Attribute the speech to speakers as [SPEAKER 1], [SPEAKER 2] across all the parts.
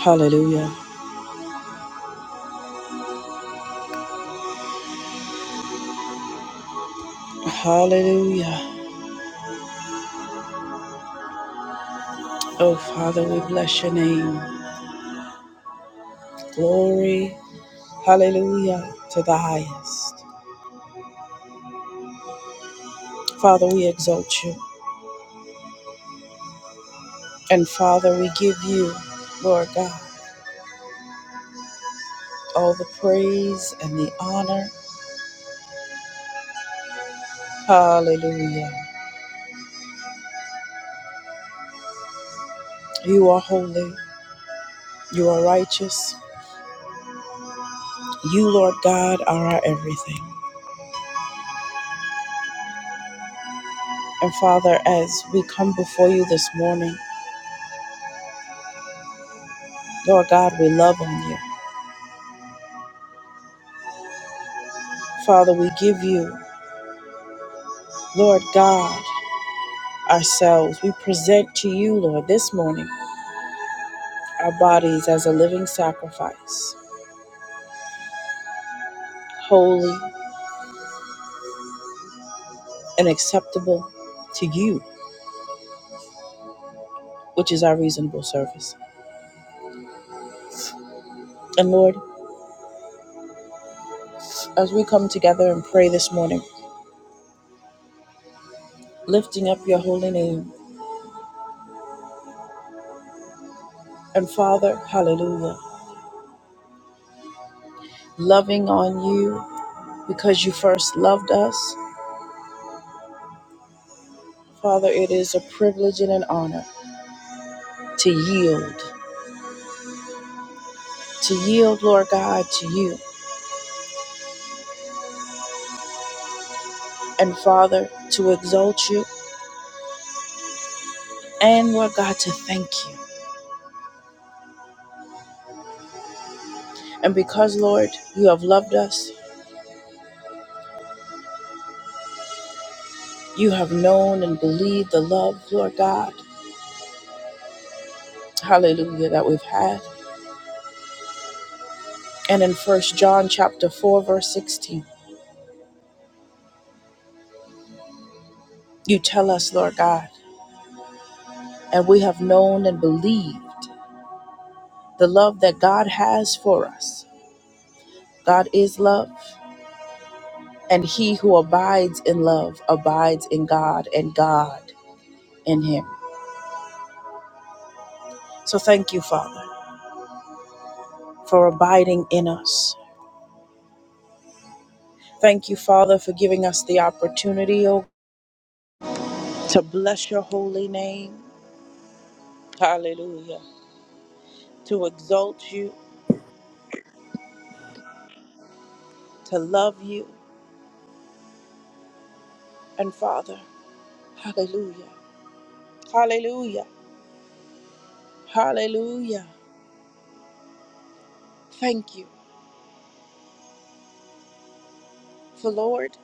[SPEAKER 1] Hallelujah. Hallelujah. Oh, Father, we bless your name. Glory. Hallelujah to the highest. Father, we exalt you. And Father, we give you, Lord God, all the praise and the honor. Hallelujah. You are holy. You are righteous. You, Lord God, are our everything. And Father, as we come before you this morning, Lord God, we love on you. Father, we give you, Lord God. ourselves. We present to you, Lord, this morning our bodies as a living sacrifice, holy and acceptable to you, which is our reasonable service. And Lord, as we come together and pray this morning, lifting up your holy name, and Father, hallelujah, loving on you because you first loved us. Father, it is a privilege and an honor to yield, to yield, Lord God, to you, and Father, to exalt you, and Lord God, to thank you. And because, Lord, you have loved us, you have known and believed the love, Lord God, hallelujah, that we've had. And in First John chapter 4, verse 16, you tell us, Lord God, and we have known and believed the love that God has for us. God is love, and he who abides in love abides in God, and God in him. So thank you, Father, for abiding in us. Thank you, Father, for giving us the opportunity, oh to bless your holy name. Hallelujah. To exalt you, to love you. And Father, hallelujah. Hallelujah. Hallelujah. Thank you for Lord.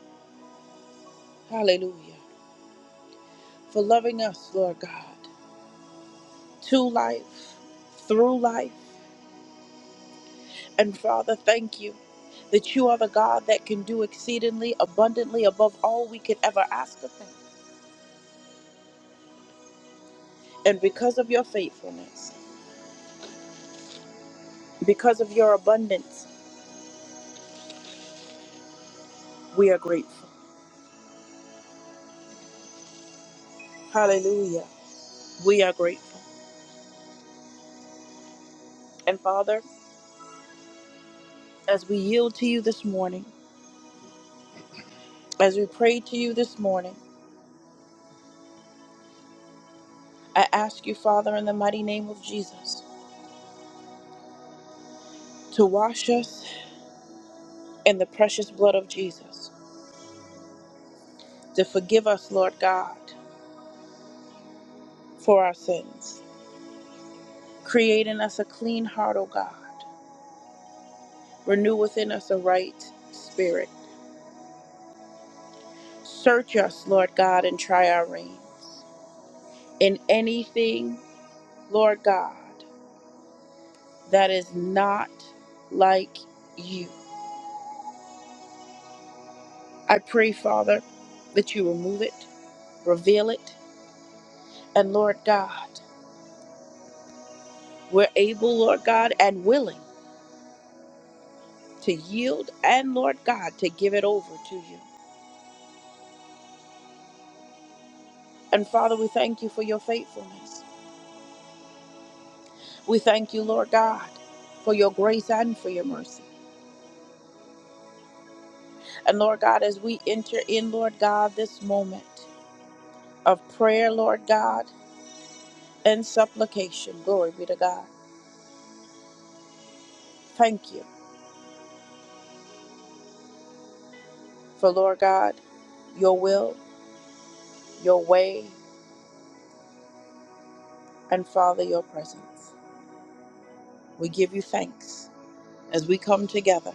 [SPEAKER 1] Hallelujah. For loving us, Lord God, to life, through life. And Father, thank you that you are the God that can do exceedingly abundantly above all we could ever ask of him. And because of your faithfulness, because of your abundance, we are grateful. Hallelujah. We are grateful. And Father, as we yield to you this morning, as we pray to you this morning, I ask you, Father, in the mighty name of Jesus, to wash us in the precious blood of Jesus, to forgive us, Lord God, for our sins. Create in us a clean heart, O God. Renew within us a right spirit. Search us, Lord God, and try our reins. In anything, Lord God, that is not like you. I pray, Father, that you remove it, reveal it, and Lord God, we're able, Lord God, and willing to yield and Lord God to give it over to you. And Father, we thank you for your faithfulness. We thank you, Lord God, for your grace and for your mercy. And Lord God, as we enter in, Lord God, this moment of prayer, Lord God, and supplication, glory be to God. Thank you for, Lord God, your will, your way. and Father, your presence. We give you thanks as we come together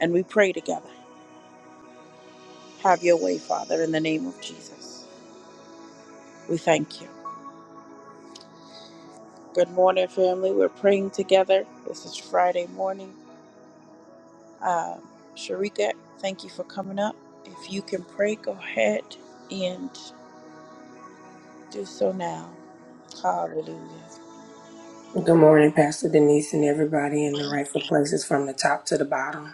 [SPEAKER 1] and we pray together. Have your way, Father, in the name of Jesus. We thank you. Good morning, family. We're praying together. This is Friday morning. Um, Sharika, thank you for coming up. If you can pray, go ahead and do so now. Hallelujah.
[SPEAKER 2] Good morning, Pastor Denise, and everybody in the rightful places from the top to the bottom.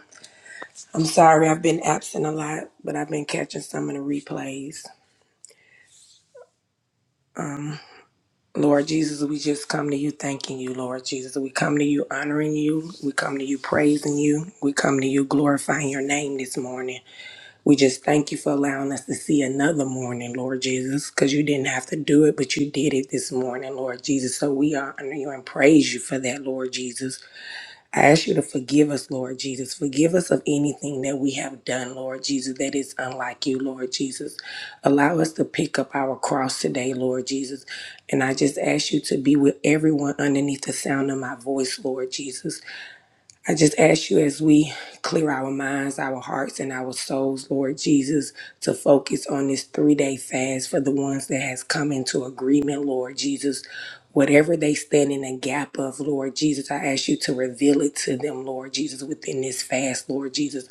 [SPEAKER 2] I'm sorry I've been absent a lot, but I've been catching some of the replays. Lord Jesus, we just come to you thanking you, Lord Jesus. We come to you honoring you. We come to you praising you. We come to you glorifying your name this morning. We just thank you for allowing us to see another morning, Lord Jesus, because you didn't have to do it, but you did it this morning, Lord Jesus. So we honor you and praise you for that, Lord Jesus. I ask you to forgive us, Lord Jesus. Forgive us of anything that we have done, Lord Jesus, that is unlike you, Lord Jesus. Allow us to pick up our cross today, Lord Jesus. And I just ask you to be with everyone underneath the sound of my voice, Lord Jesus. I just ask you as we clear our minds, our hearts, and our souls, Lord Jesus, to focus on this three day fast for the ones that has come into agreement, Lord Jesus. Whatever they stand in a gap of, Lord Jesus, I ask you to reveal it to them, Lord Jesus, within this fast, Lord Jesus.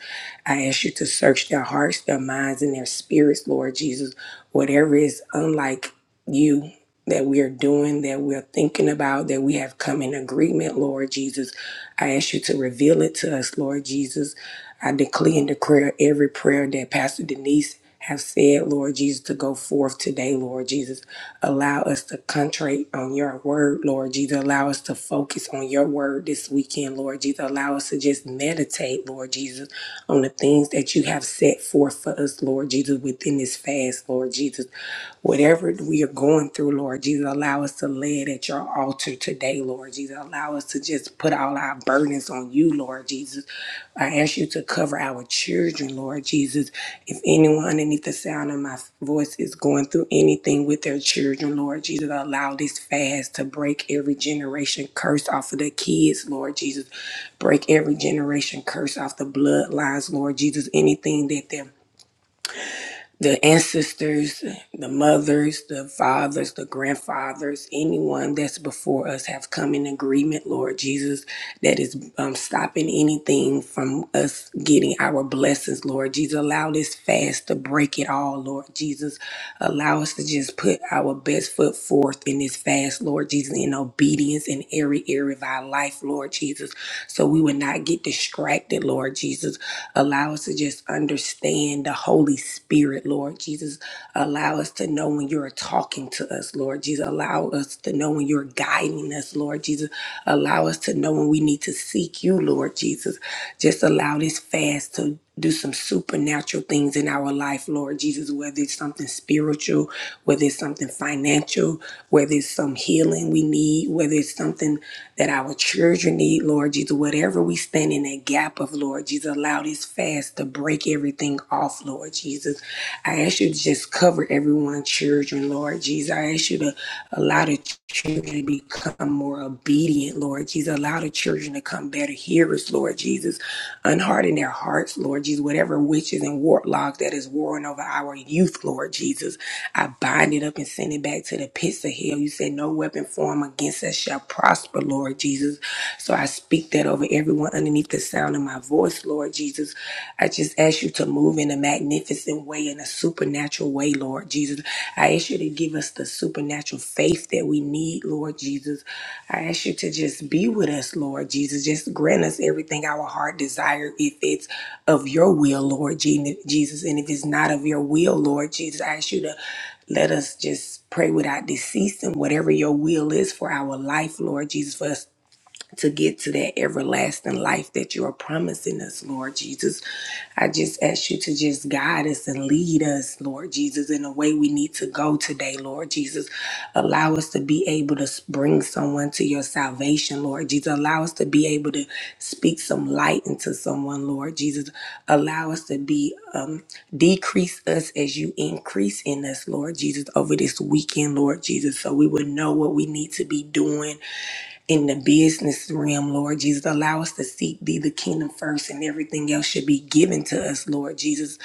[SPEAKER 2] I ask you to search their hearts, their minds, and their spirits, Lord Jesus. Whatever is unlike you that we're doing, that we're thinking about, that we have come in agreement, Lord Jesus. I ask you to reveal it to us, Lord Jesus. I declare and declare every prayer that Pastor Denise have said, Lord Jesus, to go forth today, Lord Jesus. Allow us to concentrate on your word, Lord Jesus. Allow us to focus on your word this weekend, Lord Jesus. Allow us to just meditate, Lord Jesus, on the things that you have set forth for us, Lord Jesus, within this fast, Lord Jesus. Whatever we are going through, Lord Jesus, allow us to lay it at your altar today, Lord Jesus. Allow us to just put all our burdens on you, Lord Jesus. I ask you to cover our children, Lord Jesus. If anyone underneath the sound of my voice is going through anything with their children, Lord Jesus, allow this fast to break every generation curse off of the kids, Lord Jesus. Break every generation curse off the bloodlines, Lord Jesus. Anything that their the ancestors, the mothers, the fathers, the grandfathers, anyone that's before us have come in agreement, Lord Jesus, that is um, stopping anything from us getting our blessings, Lord Jesus. Allow this fast to break it all, Lord Jesus. Allow us to just put our best foot forth in this fast, Lord Jesus, in obedience in every area of our life, Lord Jesus, so we would not get distracted, Lord Jesus. Allow us to just understand understand the Holy Spirit, Lord Jesus. Allow us to know when you're talking to us, Lord Jesus. Allow us to know when you're guiding us, Lord Jesus. Allow us to know when we need to seek you, Lord Jesus. Just allow this fast to do some supernatural things in our life, Lord Jesus, whether it's something spiritual, whether it's something financial, whether it's some healing we need, whether it's something that our children need, Lord Jesus, whatever we stand in that gap of, Lord Jesus. Allow this fast to break everything off, Lord Jesus. I ask you to just cover everyone's children, Lord Jesus. I ask you to allow the children to become more obedient, Lord Jesus. Allow the children to come better hearers, Lord Jesus. Unharden their hearts, Lord Jesus. Whatever witches and warlocks that is warring over our youth, Lord Jesus, I bind it up and send it back to the pits of hell. You said, No weapon formed against us shall prosper, Lord Jesus. So I speak that over over everyone underneath the sound of my voice, Lord Jesus. I just ask you to move in a magnificent way, in a supernatural way, Lord Jesus. I ask you to give us the supernatural faith that we need, Lord Jesus. I ask you to just be with us, Lord Jesus. Just grant us everything our heart desire if it's of your will, Lord Je- Jesus. And if it's not of your will, Lord Jesus, I ask you to let us just pray without deceasing whatever your will is for our life, Lord Jesus, for us to get to that everlasting life that you are promising us, Lord Jesus. I just ask you to just guide us and lead us, Lord Jesus, in the way we need to go today, Lord Jesus. Allow us to be able to bring someone to your salvation, Lord Jesus. Allow us to be able to speak some light into someone, Lord Jesus. Allow us to be, um, decrease us as you increase in us, Lord Jesus, over this weekend, Lord Jesus, so we would know what we need to be doing in the business realm, Lord Jesus. Allow us to seek thee, the kingdom first, and everything else should be given to us, Lord Jesus.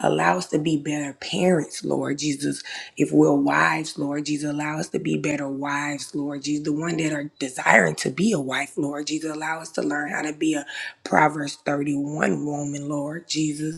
[SPEAKER 2] Allow us to be better parents, Lord Jesus. If we're wives, Lord Jesus, allow us to be better wives, Lord Jesus. The one that are desiring to be a wife, Lord Jesus. Allow us to learn how to be a Proverbs 31 woman, Lord Jesus.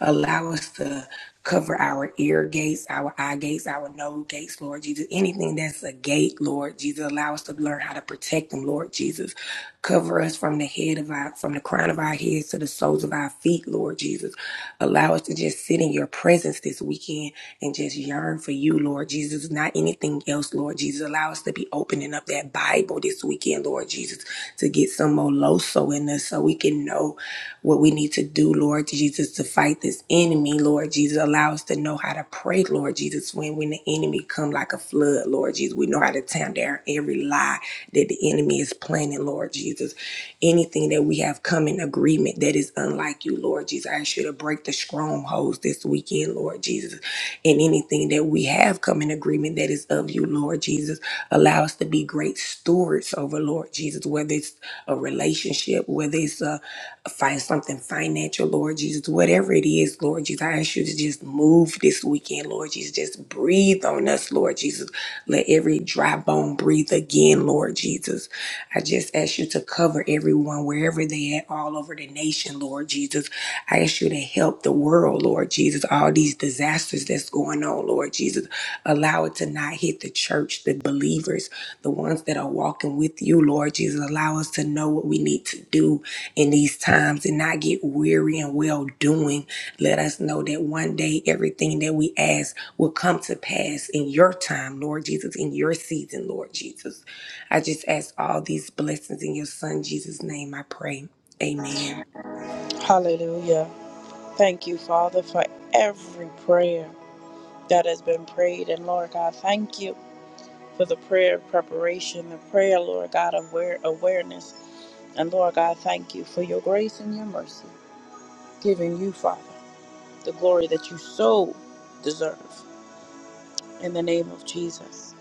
[SPEAKER 2] Allow us to cover our ear gates, our eye gates, our nose gates, Lord Jesus. Anything that's a gate, Lord Jesus, allow us to learn how to protect them, Lord Jesus. Cover us from the head of our, from the crown of our heads to the soles of our feet, Lord Jesus. Allow us to just sit in your presence this weekend and just yearn for you, Lord Jesus, not anything else, Lord Jesus. Allow us to be opening up that Bible this weekend, Lord Jesus. Jesus, to get some more loso in us so we can know what we need to do, Lord Jesus, to fight this enemy, Lord Jesus. Allow us to know how to pray, Lord Jesus, when, when the enemy come like a flood, Lord Jesus. We know how to tear down every lie that the enemy is planning, Lord Jesus. Anything that we have come in agreement that is unlike you, Lord Jesus. I ask you to break the strongholds this weekend, Lord Jesus. And anything that we have we have come in agreement that is of you, Lord Jesus. Allow us to be great stewards over, Lord Jesus, whether it's a relationship, whether it's a, find something financial, Lord Jesus, whatever it is, Lord Jesus. I ask you to just move this weekend, Lord Jesus. Just breathe on us, Lord Jesus. Let every dry bone breathe again, Lord Jesus. I just ask you to cover everyone wherever they at, all over the nation, Lord. Lord Jesus. I ask you to help the world, Lord Jesus. All these disasters that's going on, Lord Jesus. Allow it to not hit the church, the believers, the ones that are walking with you, Lord Jesus. Allow us to know what we need to do in these times and not get weary and well doing. Let us know that one day everything that we ask will come to pass in your time, Lord Jesus, in your season, Lord Jesus. I just ask all these blessings in your son Jesus' name, I pray. Amen.
[SPEAKER 1] Hallelujah. Thank you, Father, for every prayer that has been prayed. And Lord God, thank you. for the prayer of preparation, the prayer, Lord God, of aware, awareness. And Lord God, thank you for your grace and your mercy, giving you, Father, the glory that you so deserve. In the name of Jesus.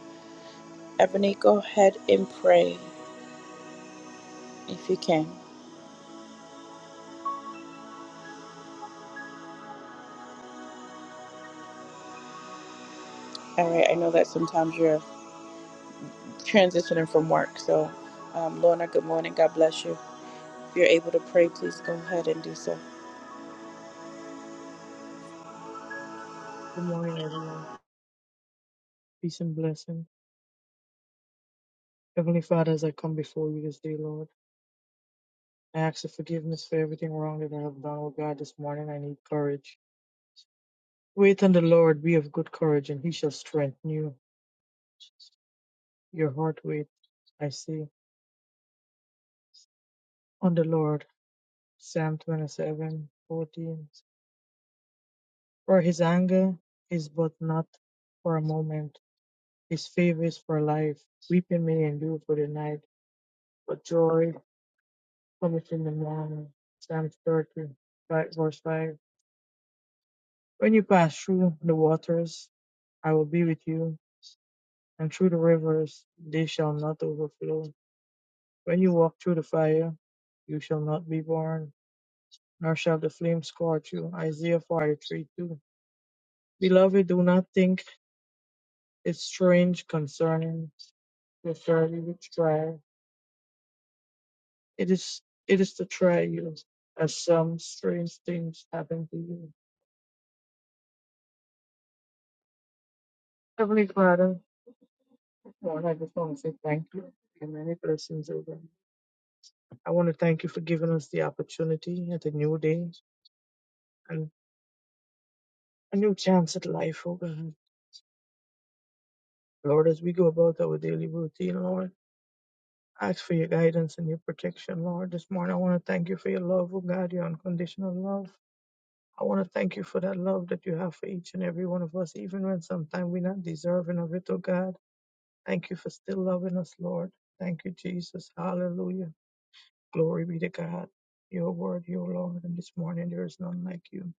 [SPEAKER 1] Ebony, go ahead and pray if you can. All right, I know that sometimes you're transitioning from work. So, um, Lorna, good morning. God bless you. If you're able to pray, please go ahead and do so.
[SPEAKER 3] Good morning, everyone. Peace and blessing. Heavenly Father, as I come before you this day, Lord, I ask for forgiveness for everything wrong that I have done, oh God, this morning. I need courage. Wait on the Lord, be of good courage, and he shall strengthen you. Your heart wait, I say, on the Lord. Psalm 27:14. For his anger is but not for a moment, his favor is for life. Weeping may endure for the night, but joy cometh in the morning. Psalm 30, 5, verse 5. When you pass through the waters, I will be with you, and through the rivers, they shall not overflow. When you walk through the fire, you shall not be burned, nor shall the flame scorch you. Isaiah 43 2. Beloved, do not think it strange concerning the fiery which try. It is, it is to try you, as some strange things happen to you. Heavenly Father, Lord, I just want to say thank you. And many blessings over. I want to thank you for giving us the opportunity at a new day and a new chance at life, oh God. Lord, as we go about our daily routine, Lord, I ask for your guidance and your protection, Lord. This morning, I want to thank you for your love, oh God, your unconditional love. I want to thank you for that love that you have for each and every one of us, even when sometimes we're not deserving of it, oh God. Thank you for still loving us, Lord. Thank you, Jesus. Hallelujah. Glory be to God. Your word, your Lord, and this morning there is none like you.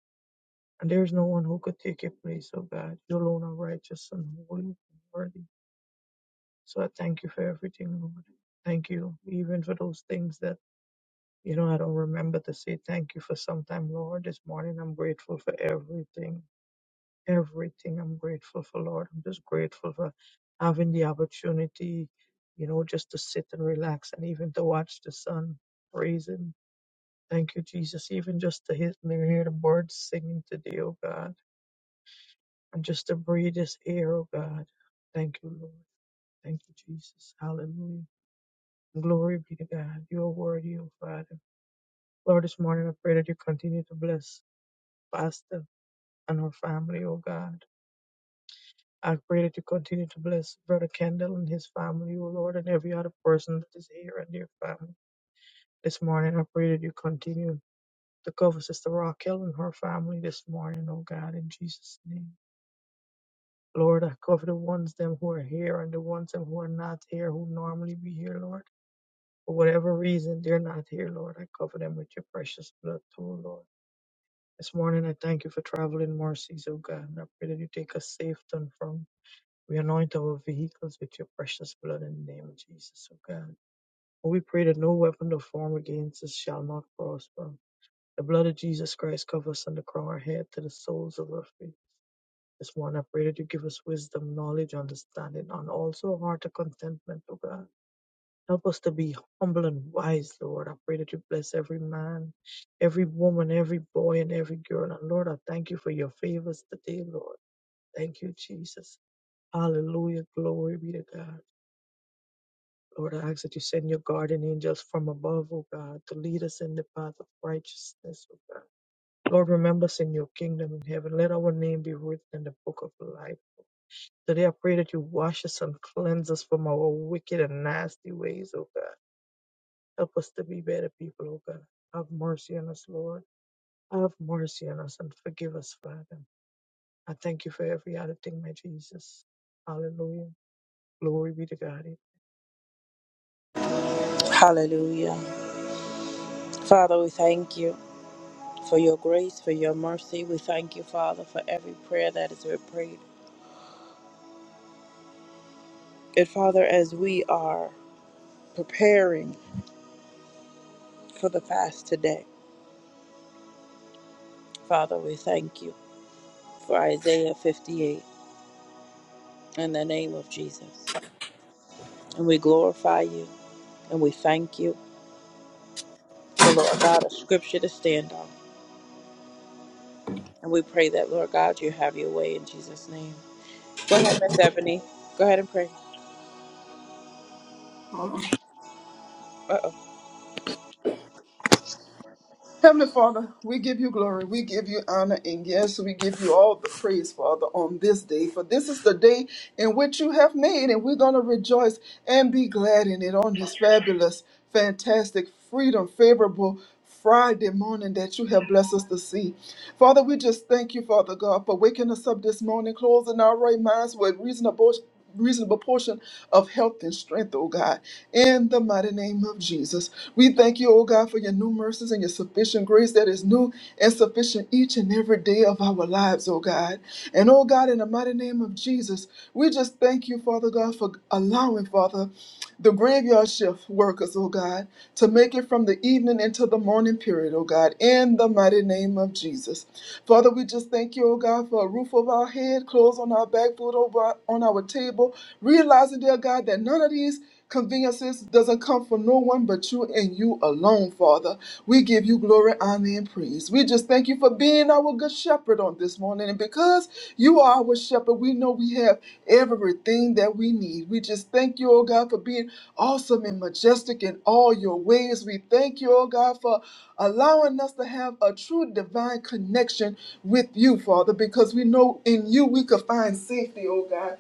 [SPEAKER 3] And there is no one who could take your place, oh God. You alone are righteous and holy and worthy. So I thank you for everything, Lord. Thank you, even for those things that, you know, I don't remember to say thank you for sometime, Lord. This morning I'm grateful for everything. Everything I'm grateful for, Lord. I'm just grateful for having the opportunity, you know, just to sit and relax and even to watch the sun praise Thank you, Jesus, even just to hear hear the birds singing today, oh God. And just to breathe this air, oh God. Thank you, Lord. Thank you, Jesus. Hallelujah. Glory be to God. You are worthy, oh Father. Lord, this morning I pray that you continue to bless Pastor and her family, oh God. I pray that you continue to bless Brother Kendall and his family, oh Lord, and every other person that is here and their family. This morning I pray that you continue to cover Sister Raquel and her family this morning, oh God, in Jesus' name. Lord, I cover the ones them who are here and the ones them who are not here, who normally be here, Lord. For whatever reason, they're not here, Lord. I cover them with your precious blood, too, Lord. This morning, I thank you for traveling mercies, O God, and I pray that you take us safe and from. We anoint our vehicles with your precious blood in the name of Jesus, O God. And we pray that no weapon of form against us shall not prosper. The blood of Jesus Christ covers us from the crown of our head to the soles of our feet. This one I pray that you give us wisdom, knowledge, understanding, and also a heart of contentment, oh God. Help us to be humble and wise, Lord. I pray that you bless every man, every woman, every boy, and every girl. And Lord, I thank you for your favors today, Lord. Thank you, Jesus. Hallelujah. Glory be to God. Lord, I ask that you send your guardian angels from above, oh God, to lead us in the path of righteousness, oh God. Lord, remember us in your kingdom in heaven. Let our name be written in the book of life. Today, I pray that you wash us and cleanse us from our wicked and nasty ways, oh God. Help us to be better people, oh God. Have mercy on us, Lord. Have mercy on us and forgive us, Father. I thank you for every other thing, my Jesus. Hallelujah. Glory be to God. Good
[SPEAKER 1] Hallelujah. Father, we thank you. for your grace, for your mercy. We thank you, Father, for every prayer that is prayed. And Father, as we are preparing for the fast today, Father, we thank you for Isaiah 58 in the name of Jesus. And we glorify you and we thank you for, Lord God, a scripture to stand on. And we pray that, Lord God, you have your way in Jesus' name. Go ahead, Miss Ebony. Go ahead and pray. Uh-oh.
[SPEAKER 4] Heavenly Father, we give you glory, we give you honor, and yes, we give you all the praise, Father, on this day. For this is the day in which you have made, and we're going to rejoice and be glad in it on this fabulous, fantastic, freedom, favorable Friday morning that you have blessed us to see. Father, we just thank you, Father God, for waking us up this morning, closing our right minds with reasonable reasonable portion of health and strength, oh God, in the mighty name of Jesus. We thank you, oh God, for your new mercies and your sufficient grace that is new and sufficient each and every day of our lives, oh God. And oh God, in the mighty name of Jesus, we just thank you, Father God, for allowing, Father, the graveyard shift workers, oh God, to make it from the evening into the morning period, oh God, in the mighty name name of Jesus. Father, we just thank you, oh God, for a roof over our head, clothes on our back, food over on our table, realizing, dear God, that none of these conveniences doesn't come from no one but you and you alone, Father. We give you glory, honor, and praise. We just thank you for being our good shepherd on this morning. And because you are our shepherd, we know we have everything that we need. We just thank you, oh God, for being awesome and majestic in all your ways. We thank you, oh God, for allowing us to have a true divine connection with you, Father, because we know in you we could find safety, oh God.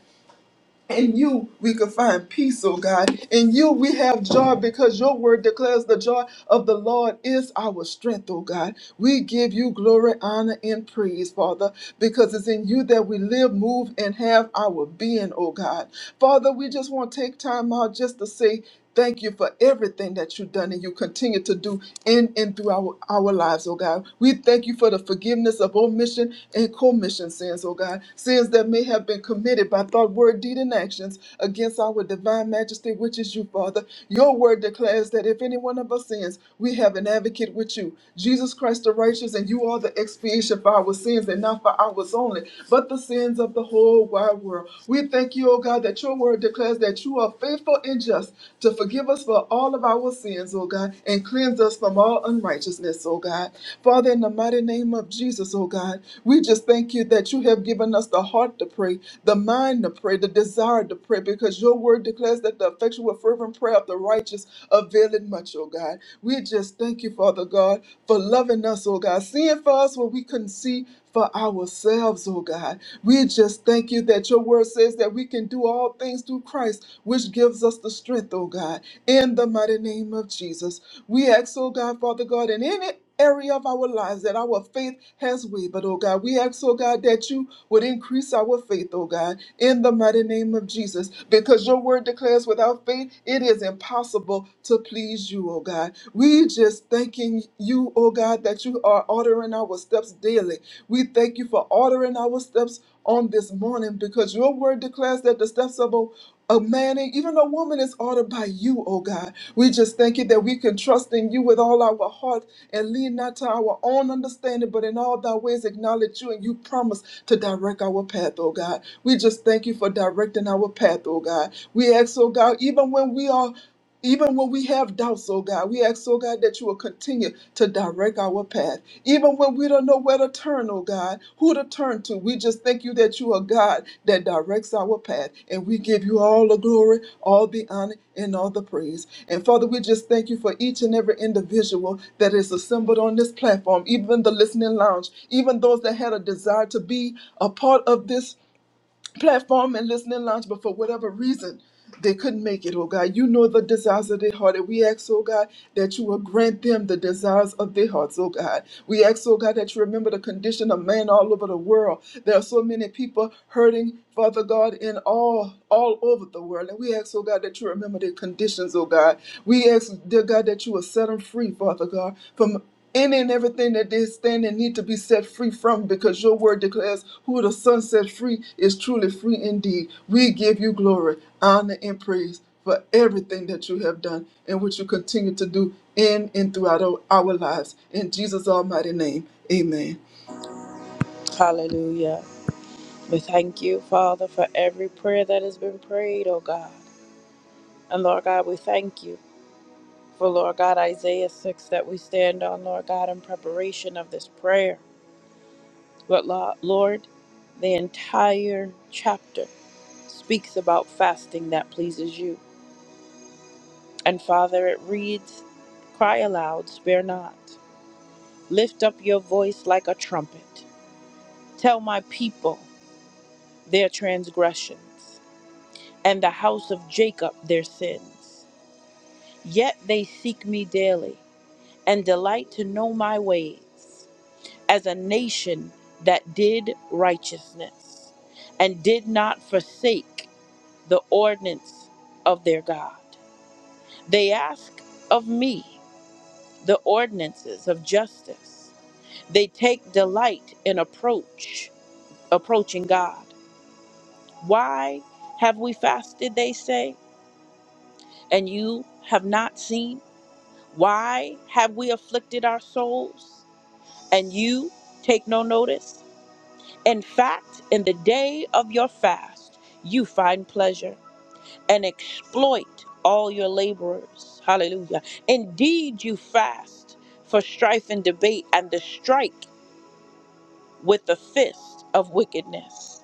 [SPEAKER 4] In you, we can find peace, oh God. In you, we have joy because your word declares the joy of the Lord is our strength, oh God. We give you glory, honor, and praise, Father, because it's in you that we live, move, and have our being, oh God. Father, we just want to take time out just to say, Thank you for everything that you've done and you continue to do in and through our, our lives, oh God. We thank you for the forgiveness of of omission and commission sins, O God, sins that may have been committed by thought, word, deed, and actions against our divine majesty, which is you, Father. Your word declares that if any one of us sins, we have an advocate with you, Jesus Christ the righteous, and you are the expiation for our sins and not for ours only, but the sins of the whole wide world. We thank you, O God, that your word declares that you are faithful and just to forgive us for all of our sins, O God, and cleanse us from all unrighteousness, oh God. Father, in the mighty name of Jesus, oh God, we just thank you that you have given us the heart to pray, the mind to pray, the desire to pray, because your word declares that the effectual, fervent prayer of the righteous availeth much, oh God. We just thank you, Father God, for loving us, oh God, seeing for us what we couldn't see for ourselves, oh God. We just thank you that your word says that we can do all do all things through Christ, which gives us the strength, oh God, in the mighty name of Jesus. We ask, oh God, Father God, in any area of our lives that our faith has wavered, oh God. We ask, oh God, that you would increase our faith, oh God, in the mighty name of Jesus, because your word declares without faith it is impossible to please you, oh God. We just thanking you, oh God, that you are ordering our steps daily. We thank you for ordering our steps on this morning because your word declares that the steps of a a man and even a woman is ordered by you, oh God. We just thank you that we can trust in you with all our heart and lean not to our own understanding, but in all thy ways acknowledge you and you promise to direct our path, oh God. We just thank you for directing our path, oh God. We ask, oh God, even when we are even when we have doubts, oh God, we ask, oh God, that you will continue to direct our path. Even when we don't know where to turn, oh God, who to turn to, we just thank you that you are God that directs our path. And we give you all the glory, all the honor, and all the praise. And Father, we just thank you for each and every individual that is assembled on this platform, even the listening lounge, even those that had a desire to be a part of this platform and listening lounge, but for whatever reason, they couldn't make it, oh God. You know the desires of their heart, and we ask, oh God, that you will grant them the desires of their hearts, oh God. We ask, oh God, that you remember the condition of man all over the world. There are so many people hurting, Father God, in all all over the world. And we ask, oh God, that you remember their conditions, oh God. We ask, dear God, that you will set them free, Father God, from any and everything that they stand and need to be set free from because your word declares who the son set free is truly free indeed we give you glory honor and praise for everything that you have done and what you continue to do in and throughout our, our lives in jesus almighty name amen
[SPEAKER 1] Hallelujah. We thank you, Father, for every prayer that has been prayed, oh God. And Lord God, we thank you for Lord God Isaiah 6 that we stand on, Lord God, in preparation of this prayer. But Lo- Lord, the entire chapter speaks about fasting that pleases you. And Father, it reads, Cry aloud, spare not. Lift up your voice like a trumpet. Tell my people their transgressions, and the house of Jacob their sins. Yet they seek me daily, and delight to know my ways. as a nation that did righteousness and did not forsake the ordinance of their God. They ask of me the ordinances of justice. They take delight in approach, approaching God. Why have we fasted, they say, and you have not seen? Why have we afflicted our souls and you take no notice? In fact, in the day of your fast, you find pleasure and exploit all your laborers. Hallelujah. Indeed, you fast for strife and debate and the strike with the fist of wickedness.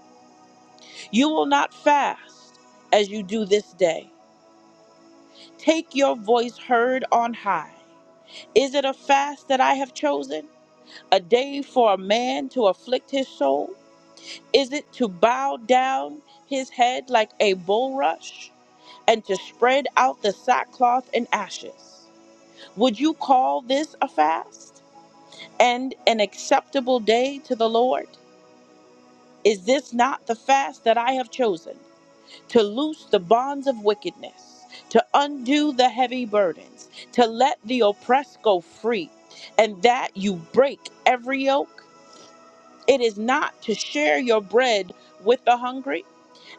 [SPEAKER 1] You will not fast as you do this day. Take your voice heard on high. Is it a fast that I have chosen? A day for a man to afflict his soul? Is it to bow down his head like a bulrush and to spread out the sackcloth and ashes? Would you call this a fast and an acceptable day to the Lord? Is this not the fast that I have chosen to loose the bonds of wickedness, to undo the heavy burdens, to let the oppressed go free, and that you break every yoke? It is not to share your bread with the hungry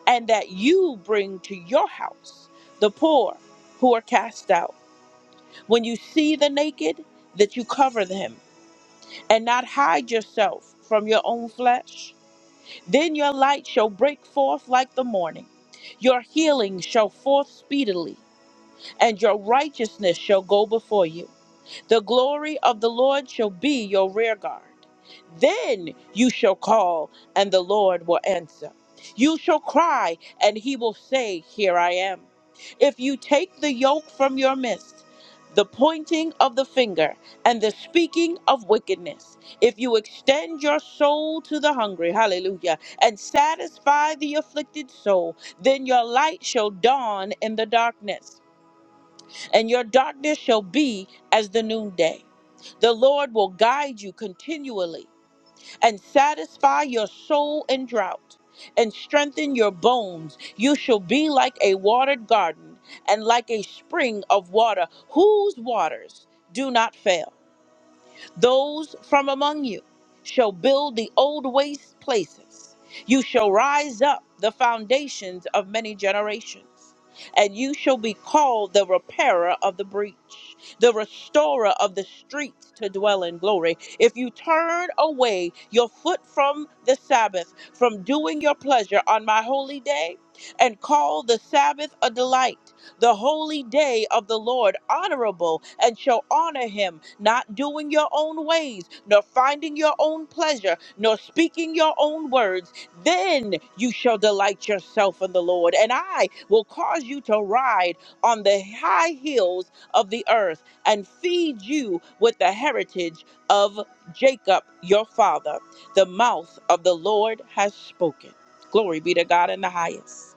[SPEAKER 1] and that you bring to your house the poor who are cast out. When you see the naked, that you cover them and not hide yourself from your own flesh. Then your light shall break forth like the morning. Your healing shall forth speedily, and your righteousness shall go before you. The glory of the Lord shall be your rear guard. Then you shall call, and the Lord will answer. You shall cry, and he will say, Here I am. If you take the yoke from your midst, the pointing of the finger, and the speaking of wickedness, if you extend your soul to the hungry, hallelujah, and satisfy the afflicted soul, then your light shall dawn in the darkness and your darkness shall be as the noonday. The Lord will guide you continually and satisfy your soul in drought and strengthen your bones. You shall be like a watered garden and like a spring of water whose waters do not fail. Those from among you shall build the old waste places. You shall rise up the foundations of many generations, and you shall be called the repairer of the breach, the restorer of the streets to dwell in glory. If you turn away your foot from the Sabbath, from doing your pleasure on my holy day, and call the Sabbath a delight, the holy day of the Lord honorable and shall honor him, not doing your own ways, nor finding your own pleasure, nor speaking your own words. Then you shall delight yourself in the Lord, and I will cause you to ride on the high hills of the earth and feed you with the heritage of Jacob your father. The mouth of the Lord has spoken. Glory be to God in the highest.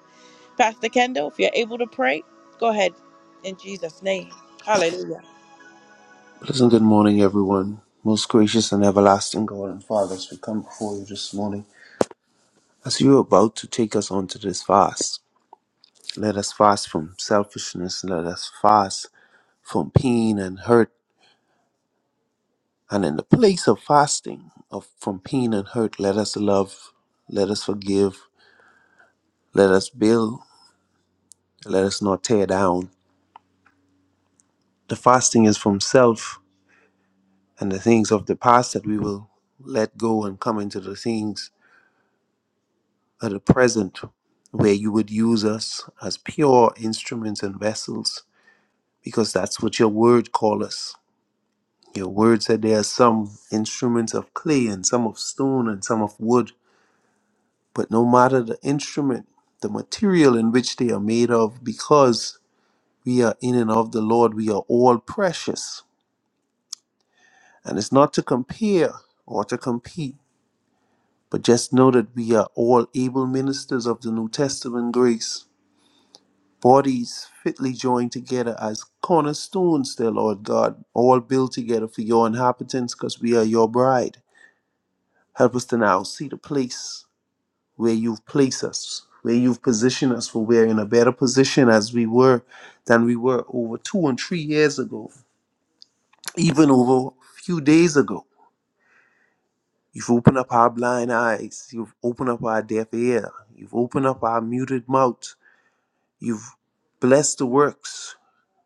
[SPEAKER 1] Pastor Kendall, if you're able to pray, go ahead in Jesus' name. Hallelujah.
[SPEAKER 5] Pleasant good morning, everyone. Most gracious and everlasting God and Father, as we come before you this morning, as you are about to take us onto this fast, let us fast from selfishness, let us fast from pain and hurt. And in the place of fasting of from pain and hurt, let us love, let us forgive, let us build, let us not tear down. The fasting is from self and the things of the past that we will let go and come into the things at the present where you would use us as pure instruments and vessels because that's what your word call us your word said there are some instruments of clay and some of stone and some of wood but no matter the instrument the material in which they are made of because we are in and of the lord we are all precious and it's not to compare or to compete but just know that we are all able ministers of the new testament grace Bodies fitly joined together as cornerstones, dear Lord God, all built together for your inhabitants because we are your bride. Help us to now see the place where you've placed us, where you've positioned us, for we're in a better position as we were than we were over two and three years ago, even over a few days ago. You've opened up our blind eyes. You've opened up our deaf ear. You've opened up our muted mouth. You've blessed the works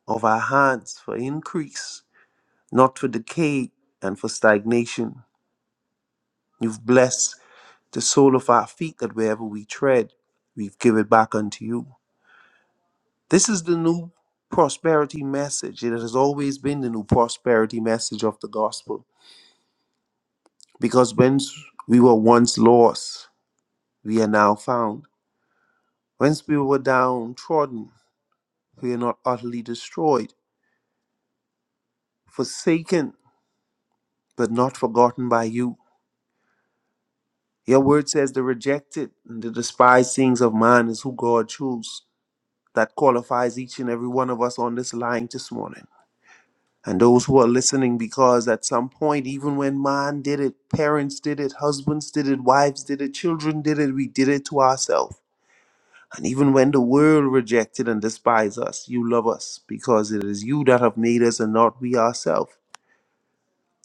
[SPEAKER 5] of our hands for increase. not for decay and for stagnation. You've blessed the sole of our feet that wherever we tread, we've given back unto you. This is the new prosperity message. It has always been the new prosperity message of the gospel. Because whence we were once lost, we are now found. Whence we were downtrodden, we are not utterly destroyed, forsaken, but not forgotten by you. Your word says the rejected and the despised things of man is who God chose that qualifies each and every one of us on this line this morning. And those who are listening, because at some point, even when man did it, parents did it, husbands did it, wives did it, children did it, we did it to ourselves. And even when the world rejected and despised us, you love us because it is you that have made us and not we ourselves.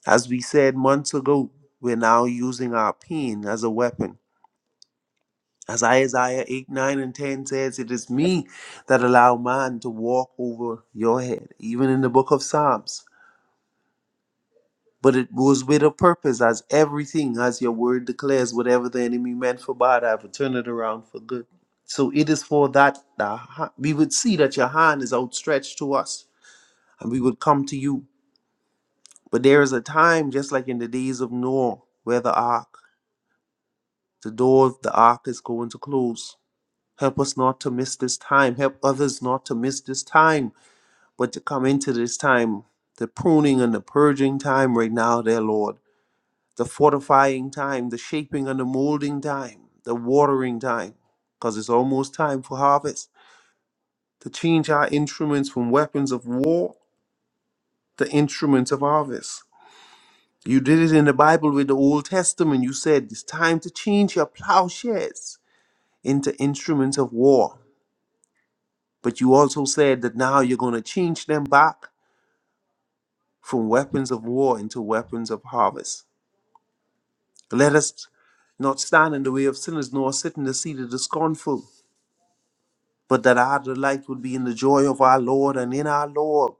[SPEAKER 5] As we said months ago, we're now using our pain as a weapon As Isaiah 8, 9, and 10 says, It is me that allow man to walk over your head, even in the book of Psalms. But it was with a purpose, as everything, as your word declares, whatever the enemy meant for bad, I will turn it around for good. So it is for that, the ha- we would see that your hand is outstretched to us, and we would come to you. But there is a time, just like in the days of Noah, where the ark, the door of the ark is going to close Help us not to miss this time. Help others not to miss this time, but to come into this time, the pruning and the purging time right now, dear Lord, the fortifying time, the shaping and the molding time, the watering time, because it's almost time for harvest, to change our instruments from weapons of war to instruments of harvest. You did it in the Bible with the Old Testament. You said it's time to change your plowshares into instruments of war. But you also said that now you're going to change them back from weapons of war into weapons of harvest. Let us not stand in the way of sinners, nor sit in the seat of the scornful, but that our delight would be in the joy of our Lord and in our Lord.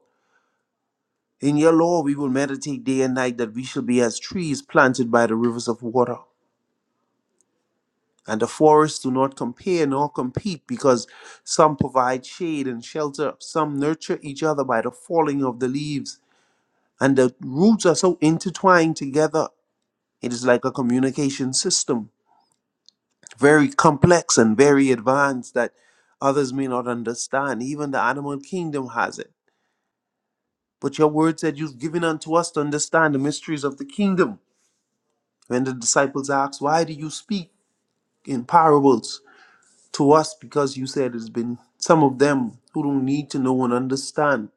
[SPEAKER 5] In your law we will meditate day and night, that we shall be as trees planted by the rivers of water. And the forests do not compare nor compete, because some provide shade and shelter, some nurture each other by the falling of the leaves. and the roots are so intertwined together. It is like a communication system, very complex and very advanced that others may not understand. Even the animal kingdom has it. But your word said you've given unto us to understand the mysteries of the kingdom. When the disciples asked, Why do you speak in parables to us? Because you said it's been some of them who don't need to know and understand.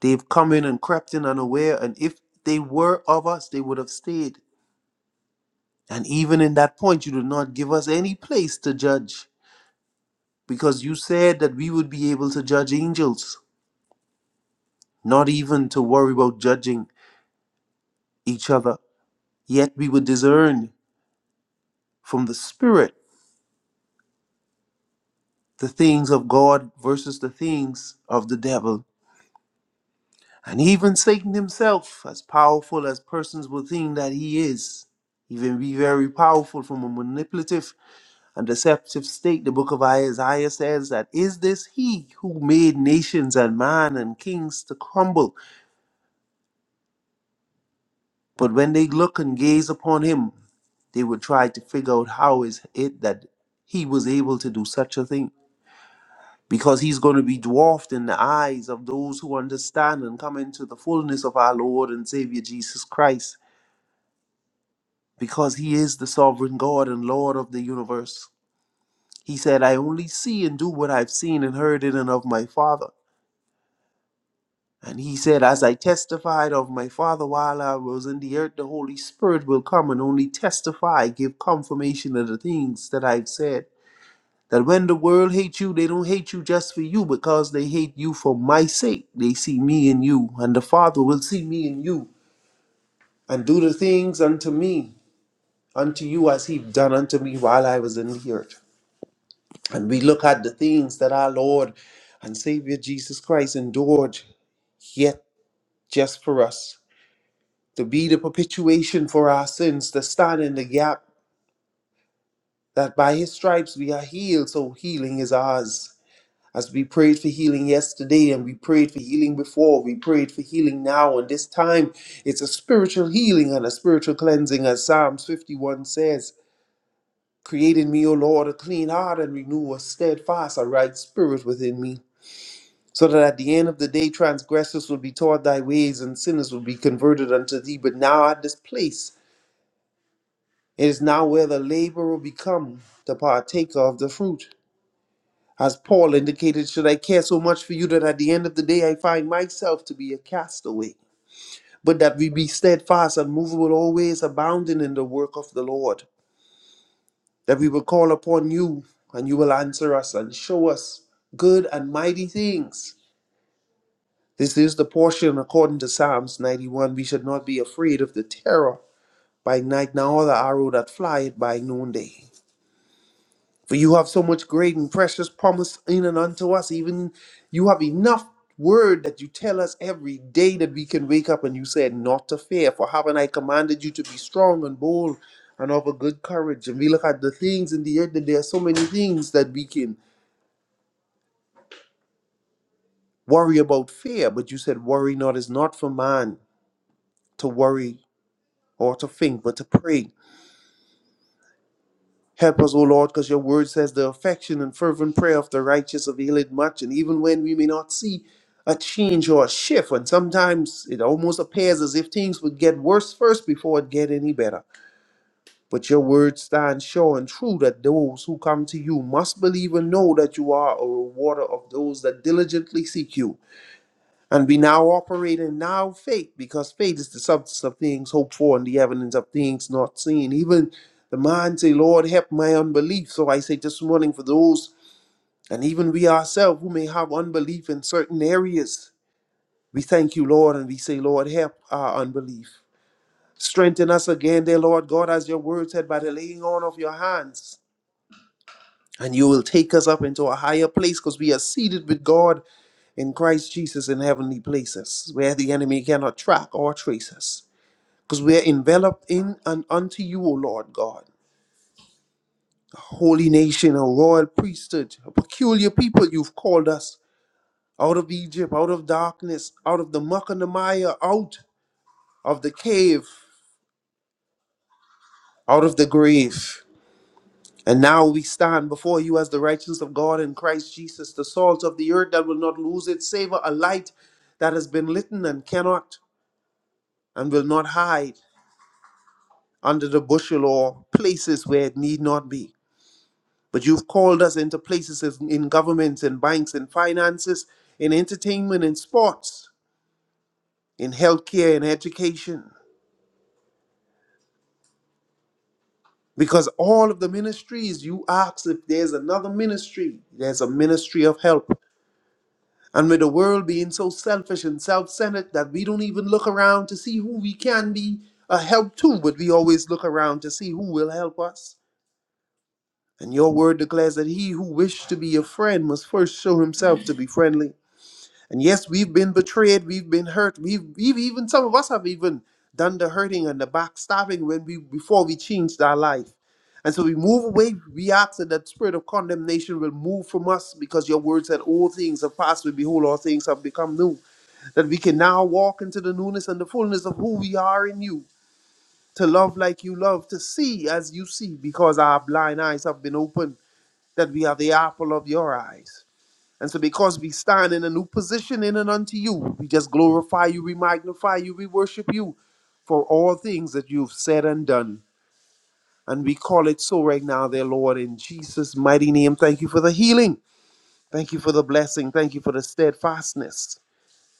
[SPEAKER 5] They've come in and crept in unaware, and if they were of us, they would have stayed. And even in that point, you did not give us any place to judge because you said that we would be able to judge angels, not even to worry about judging each other. Yet we would discern from the Spirit the things of God versus the things of the devil. And even Satan himself, as powerful as persons will think that he is, even be very powerful from a manipulative a deceptive state. The book of Isaiah says that, Is this he who made nations and man and kings to crumble? But when they look and gaze upon him, they would try to figure out how is it that he was able to do such a thing. Because he's going to be dwarfed in the eyes of those who understand and come into the fullness of our Lord and Savior Jesus Christ. Because he is the sovereign God and Lord of the universe. He said, I only see and do what I've seen and heard in and of my Father. And he said, As I testified of my Father while I was in the earth, the Holy Spirit will come and only testify, give confirmation of the things that I've said. That when the world hates you, they don't hate you just for you, because they hate you for my sake. They see me in you, and the Father will see me in you, and do the things unto me, unto you as he done unto me while I was in the earth. And we look at the things that our Lord and Savior Jesus Christ endured, yet just for us. to be the perpetuation for our sins, to stand in the gap that by his stripes we are healed, so healing is ours. As we prayed for healing yesterday and we prayed for healing before, we prayed for healing now, and this time it's a spiritual healing and a spiritual cleansing, as Psalms 51 says, Create in me, O Lord, a clean heart and renew a steadfast, a right spirit within me. So that at the end of the day, transgressors will be taught thy ways and sinners will be converted unto thee. But now at this place, It is now where the laborer become the partaker of the fruit. As Paul indicated, should I care so much for you that at the end of the day I find myself to be a castaway? But that we be steadfast, unmovable, always abounding in the work of the Lord. That we will call upon you, and you will answer us and show us good and mighty things. This is the portion according to Psalms 91. We should not be afraid of the terror by night, nor the arrow that flieth by noonday. For you have so much great and precious promise in and unto us. Even you have enough word that you tell us every day that we can wake up and you said, Not to fear, for haven't I commanded you to be strong and bold and of a good courage? And we look at the things in the earth that there are so many things that we can worry about fear, but you said, Worry not is not for man to worry or to think, but to pray. Help us, O Lord, because your word says the affection and fervent prayer of the righteous availeth much. And even when we may not see a change or a shift, and sometimes it almost appears as if things would get worse first before it get any better. But your word stands sure and true that those who come to you must believe and know that you are a rewarder of those that diligently seek you. And we now operate in now faith, because faith is the substance of things hoped for and the evidence of things not seen. Even the man say, Lord, help my unbelief. So I say this morning for those, and even we ourselves who may have unbelief in certain areas, we thank you, Lord, and we say, Lord, help our unbelief. Strengthen us again, dear Lord God, as your word said, by the laying on of your hands. And you will take us up into a higher place because we are seated with God in Christ Jesus in heavenly places, where the enemy cannot track or trace us. Because we are enveloped in and unto you, O Lord God, holy nation, a royal priesthood, a peculiar people you've called us out of Egypt, out of darkness, out of the muck and the mire, out of the cave, out of the grave. And now we stand before you as the righteousness of God in Christ Jesus, the salt of the earth that will not lose its savor, a light that has been litten and cannot and will not hide. under the bushel or places where it need not be. But you've called us into places as- in governments and banks and finances, in entertainment and sports, in healthcare and education. Because all of the ministries, you ask if there's another ministry, there's a ministry of help. And with the world being so selfish and self centered that we don't even look around to see who we can be a help to, but we always look around to see who will help us. And your word declares that he who wished to be a friend must first show himself to be friendly. And yes, we've been betrayed, we've been hurt, we've, we've even some of us have even done the hurting and the backstabbing when we before we changed our life. And so we move away, we ask that that spirit of condemnation will move from us because your word said all things have passed, We behold, all things have become new. That we can now walk into the newness and the fullness of who we are in you, to love like you love, to see as you see, because our blind eyes have been opened that we are the apple of your eyes. And so, because we stand in a new position in and unto you, we just glorify you, we magnify you, we worship you for all things that you've said and done. And we call it so right now, dear Lord, in Jesus' mighty name. Thank you for the healing. Thank you for the blessing. Thank you for the steadfastness.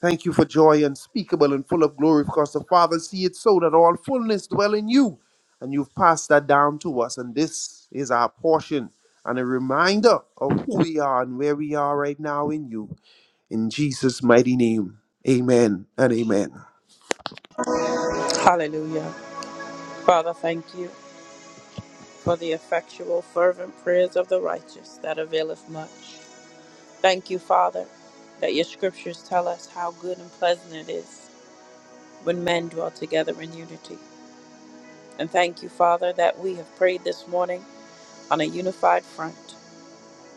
[SPEAKER 5] Thank you for joy unspeakable and full of glory, because the Father see it so that all fullness dwell in you. And you've passed that down to us. And this is our portion and a reminder of who we are and where we are right now in you. In Jesus' mighty name, amen and amen.
[SPEAKER 1] Hallelujah. Father, thank you for the effectual, fervent prayers of the righteous that availeth much. Thank you, Father, that your scriptures tell us how good and pleasant it is when men dwell together in unity. And thank you, Father, that we have prayed this morning on a unified front.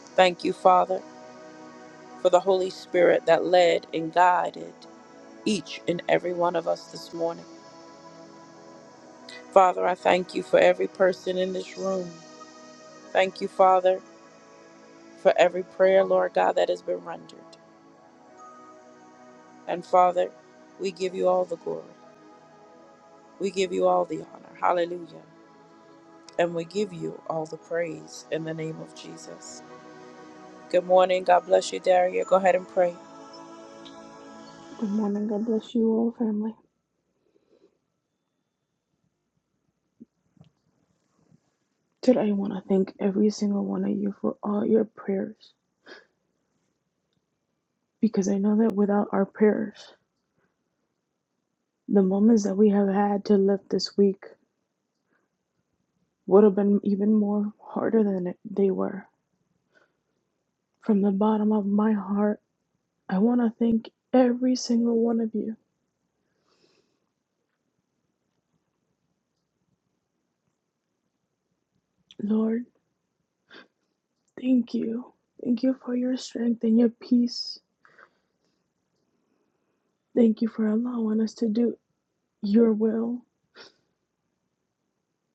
[SPEAKER 1] Thank you, Father, for the Holy Spirit that led and guided each and every one of us this morning. Father, I thank you for every person in this room. Thank you, Father, for every prayer, Lord God, that has been rendered. And Father, we give you all the glory. We give you all the honor. Hallelujah. And we give you all the praise in the name of Jesus. Good morning. God bless you, Daria. Go ahead and pray.
[SPEAKER 6] Good morning. God bless you all, family. Today, I want to thank every single one of you for all your prayers because I know that without our prayers, the moments that we have had to live this week would have been even more harder than it, they were. From the bottom of my heart, I want to thank every single one of you. Lord, thank you. Thank you for your strength and your peace. Thank you for allowing us to do your will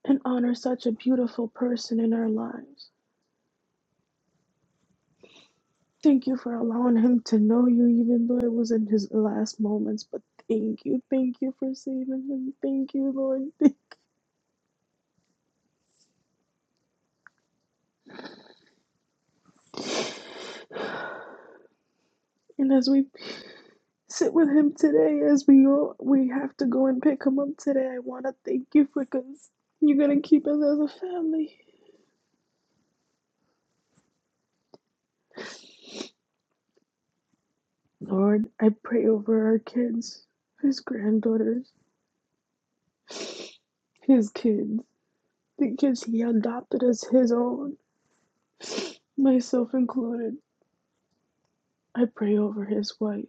[SPEAKER 6] and honor such a beautiful person in our lives. Thank you for allowing him to know you, even though it was in his last moments. But thank you, thank you for saving him. Thank you, Lord. Thank- And as we sit with him today, as we go, we have to go and pick him up today. I want to thank you for because you're gonna keep us as a family, Lord. I pray over our kids, his granddaughters, his kids, the kids he adopted as his own, myself included. I pray over his wife.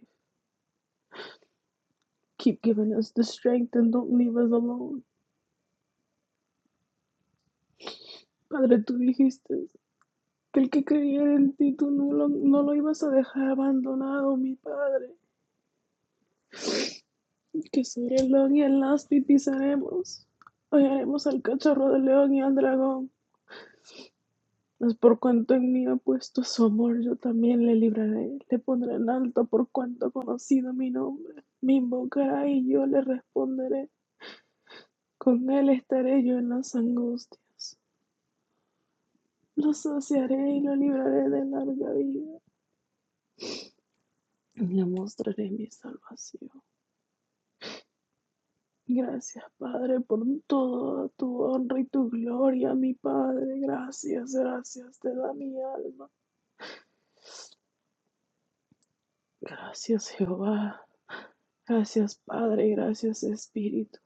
[SPEAKER 6] Keep giving us the strength and don't leave us alone. Padre, tú dijiste que el que creyera en ti, tú no lo, no lo ibas a dejar abandonado, mi Padre. Que sobre el león y el lasti pisaremos. Hollaremos al cachorro del león y al dragón. Mas por cuanto en mí ha puesto su amor, yo también le libraré. Le pondré en alto por cuanto ha conocido mi nombre. Me invocará y yo le responderé. Con él estaré yo en las angustias. Los saciaré y los libraré de larga vida y le mostraré mi salvación. Gracias, Padre, por toda tu honra y tu gloria, mi Padre. Gracias, gracias te da mi alma. Gracias, Jehová. Gracias, Padre. Gracias, Espíritu.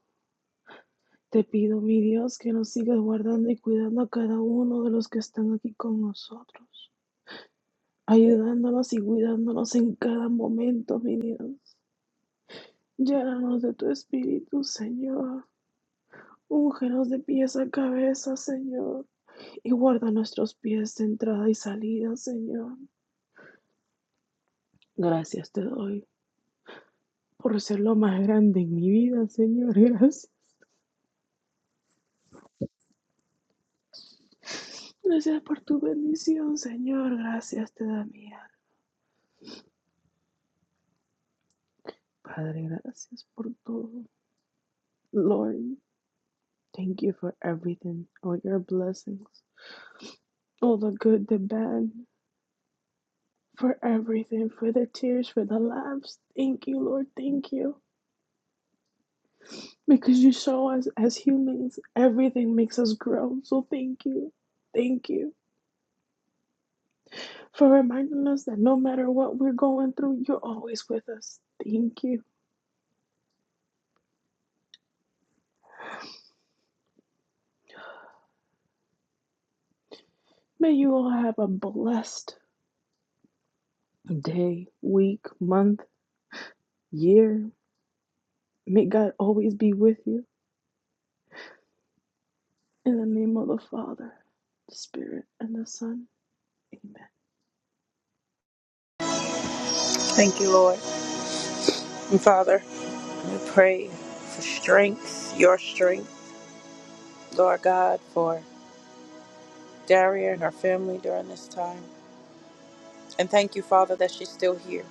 [SPEAKER 6] Te pido, mi Dios, que nos sigas guardando y cuidando a cada uno de los que están aquí con nosotros, ayudándonos y cuidándonos en cada momento, mi Dios. Llénanos de tu espíritu, Señor. Úngenos de pies a cabeza, Señor. Y guarda nuestros pies de entrada y salida, Señor. Gracias te doy por ser lo más grande en mi vida, Señor. Gracias. Gracias por tu bendición, Señor. Gracias te da mía. Padre, gracias por todo. Lord, thank you for everything, all your blessings, all the good, the bad, for everything, for the tears, for the laughs. Thank you, Lord. Thank you. because you show us as humans everything makes us grow. So thank you. Thank you for reminding us that no matter what we're going through, you're always with us. Thank you. May you all have a blessed day, week, month, year. May God always be with you. In the name of the Father, the Spirit, and the Son. Amen.
[SPEAKER 1] Thank you, Lord. And Father, we pray for strength, your strength, Lord God, for Daria and her family during this time. And thank you, Father, that she's still here.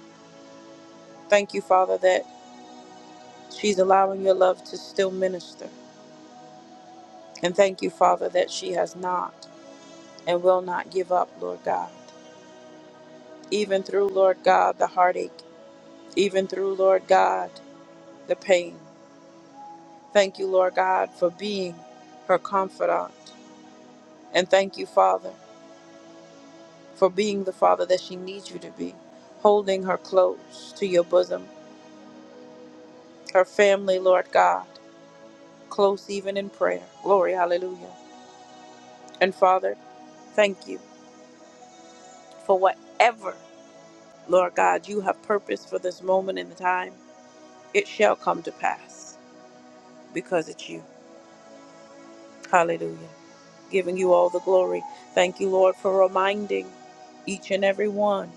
[SPEAKER 1] Thank you, Father, that She's allowing your love to still minister. And thank you, Father, that she has not and will not give up, Lord God. Even through, Lord God, the heartache, even through, Lord God, the pain. Thank you, Lord God, for being her confidant. And thank you, Father, for being the Father that she needs you to be, holding her close to your bosom, her family, Lord God, close even in prayer. Glory, hallelujah. And Father, thank you for whatever Lord God, you have purpose for this moment in the time. It shall come to pass because it's you. Hallelujah. Giving you all the glory. Thank you, Lord, for reminding each and every one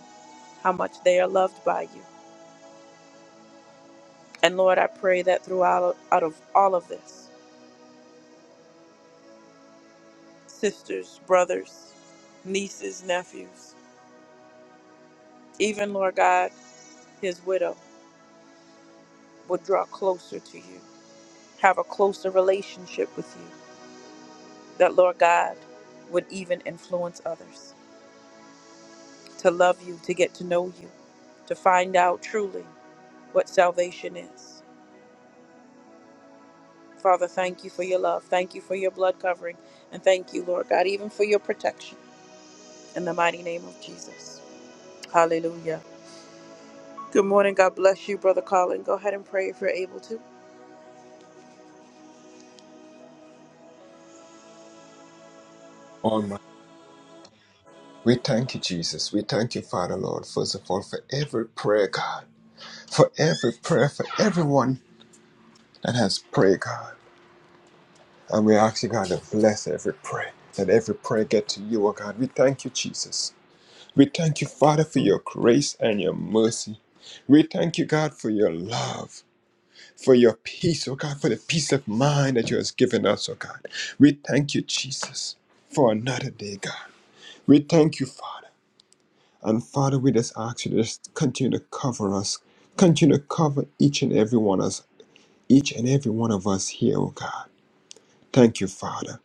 [SPEAKER 1] how much they are loved by you. And Lord, I pray that throughout out of all of this, sisters, brothers, nieces, nephews, even Lord God, his widow, would draw closer to you, have a closer relationship with you. that, Lord God, would even influence others to love you, to get to know you, to find out truly what salvation is. Father, thank you for your love. Thank you for your blood covering. And thank you, Lord God, even for your protection in the mighty name of Jesus. Hallelujah. Good morning. God bless you, Brother Colin. Go ahead and pray if you're able to.
[SPEAKER 7] Almighty. We thank you, Jesus. We thank you, Father, Lord, first of all, for every prayer, God, for every prayer, for everyone that has prayed, God. And we ask you, God, to bless every prayer, that every prayer get to you, oh God. We thank you, Jesus. We thank you, Father, for your grace and your mercy. We thank you, God, for your love, for your peace, oh God, for the peace of mind that you has given us, oh God. We thank you, Jesus, for another day, God. We thank you, Father. And Father, we just ask you to just continue to cover us, continue to cover each and every one of us, each and every one of us here, oh God. Thank you, Father.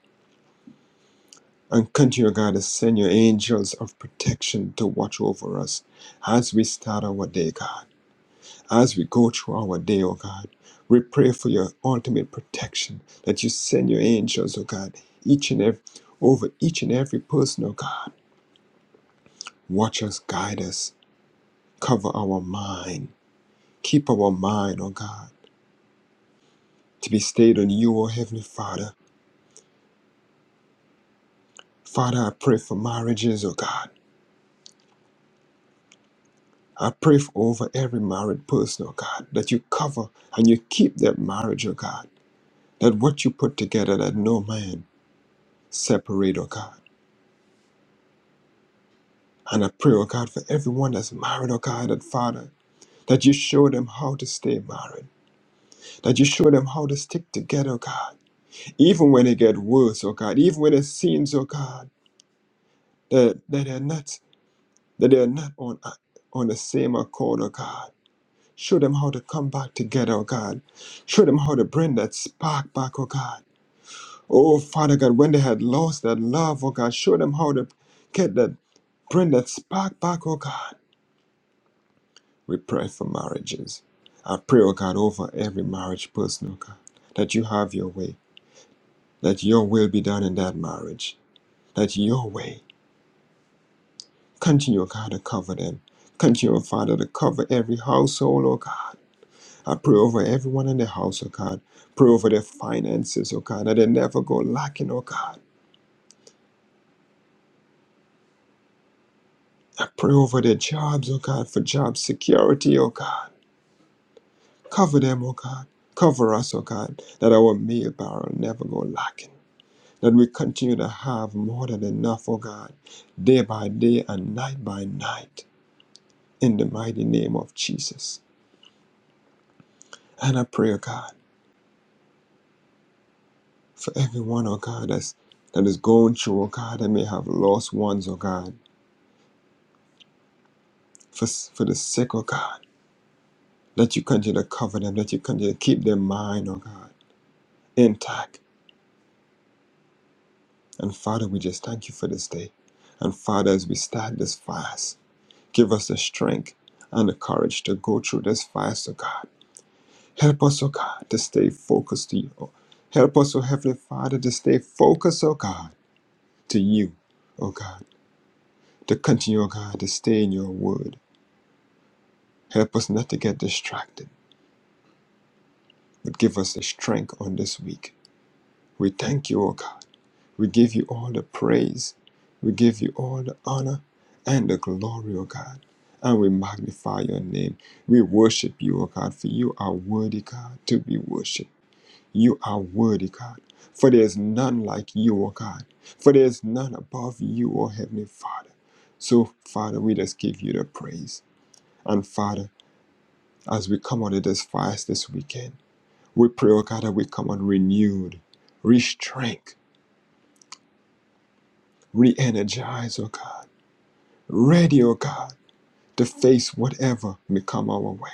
[SPEAKER 7] And continue, oh God, to send your angels of protection to watch over us as we start our day, God. As we go through our day, oh God. We pray for your ultimate protection that you send your angels, oh God, each and every over each and every person, oh God. Watch us, guide us, cover our mind, keep our mind, oh God. to be stayed on you, O Heavenly Father. Father, I pray for marriages, O God. I pray for over every married person, O God, that you cover and you keep that marriage, O God. That what you put together, that no man separate, O God. And I pray, O God, for everyone that's married, O God, that Father, that you show them how to stay married, that you show them how to stick together, O God. Even when it get worse, O God, even when it seems, O God, that, that they're not that they're not on on the same accord, O God. Show them how to come back together, oh God. Show them how to bring that spark back, oh God. Oh Father God, when they had lost that love, oh God, show them how to get that bring that spark back, oh God. We pray for marriages. I pray, oh God, over every marriage person, oh God, that you have your way, that your will be done in that marriage, that your way continue, oh God, to cover them. Continue, oh Father, to cover every household, oh God. I pray over everyone in the house, oh God. Pray over their finances, oh God, that they never go lacking, oh God. I pray over their jobs, oh God, for job security, oh God. Cover them, oh God. Cover us, oh God, that our meal barrel never go lacking. That we continue to have more than enough, oh God, day by day and night by night, in the mighty name of Jesus. And I pray, oh God, for everyone, oh God, that's, that is going through, oh God, that may have lost ones, oh God. for, for the sick, oh God. That you continue to cover them, that you continue to keep their mind, oh God, intact. And Father, we just thank you for this day. And Father, as we start this fast, give us the strength and the courage to go through this fast, oh God. Help us, oh God, to stay focused to you. oh. Help us, oh Heavenly Father, to stay focused, oh God, to you, oh God. To continue, oh God, to stay in your word. Help us not to get distracted, but give us the strength on this week. We thank you, O God. We give you all the praise. We give you all the honor and the glory, O God. And we magnify your name. We worship you, O God, for you are worthy, God, to be worshiped. You are worthy, God. For there is none like you, O God. For there is none above you, O Heavenly Father. So, Father, we just give you the praise. And Father, as we come out of this fast this weekend, we pray, O God, that we come out renewed, re strength, re energized, O God. ready, O God, to face whatever may come our way.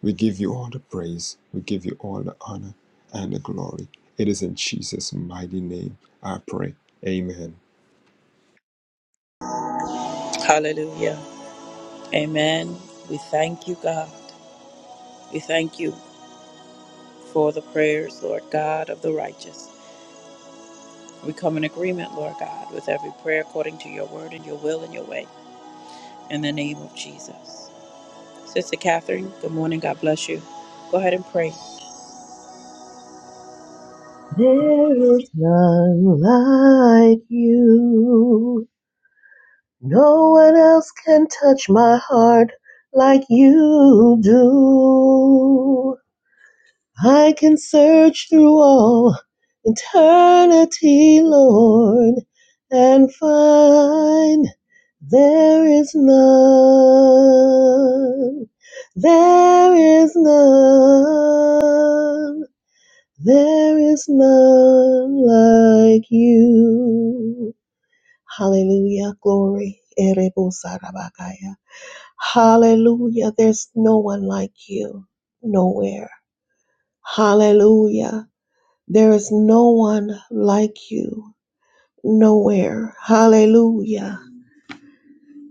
[SPEAKER 7] We give you all the praise, we give you all the honor and the glory. It is in Jesus' mighty name I pray. Amen.
[SPEAKER 1] Hallelujah. Amen. We thank you, God. We thank you for the prayers, Lord God, of the righteous. We come in agreement, Lord God, with every prayer according to your word and your will and your way. In the name of Jesus. Sister Catherine, good morning. God bless you. Go ahead and pray.
[SPEAKER 8] There is none like you. No one else can touch my heart like you do. I can search through all eternity, Lord, and find there is none. There is none. There is none like you. Hallelujah. Glory. Erebosarabakaya. Hallelujah. There's no one like you. Nowhere. Hallelujah. There is no one like you. Nowhere. Hallelujah.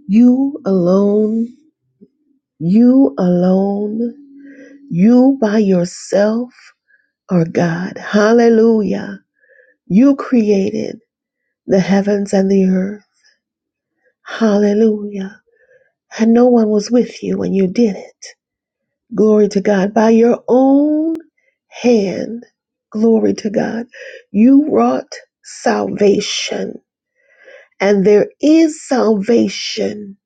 [SPEAKER 8] You alone. You alone. You by yourself are God. Hallelujah. You created. the heavens and the earth. Hallelujah. And no one was with you when you did it. Glory to God. By your own hand, glory to God, you wrought salvation. And there is salvation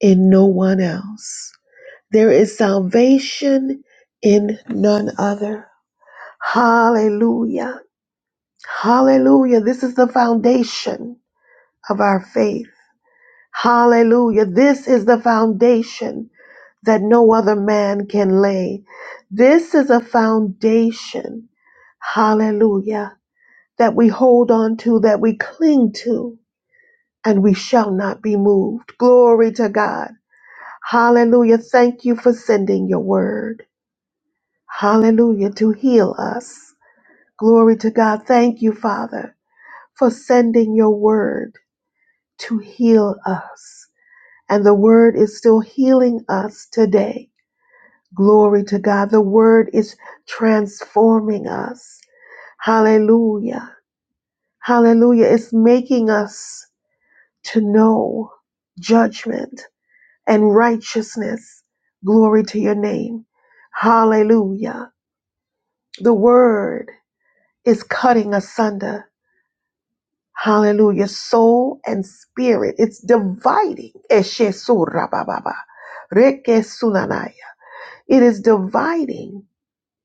[SPEAKER 8] in no one else. There is salvation in none other. Hallelujah. Hallelujah. This is the foundation of our faith. Hallelujah. This is the foundation that no other man can lay. This is a foundation, hallelujah, that we hold on to, that we cling to, and we shall not be moved. Glory to God. Hallelujah. Thank you for sending your word. Hallelujah. To heal us. Glory to God. Thank you, Father, for sending your word to heal us. And the word is still healing us today. Glory to God. The word is transforming us. Hallelujah. Hallelujah. It's making us to know judgment and righteousness. Glory to your name. Hallelujah. The word is cutting asunder. Hallelujah. Soul and spirit. It's dividing. Eshe surabababa. Reke sunanai. It is dividing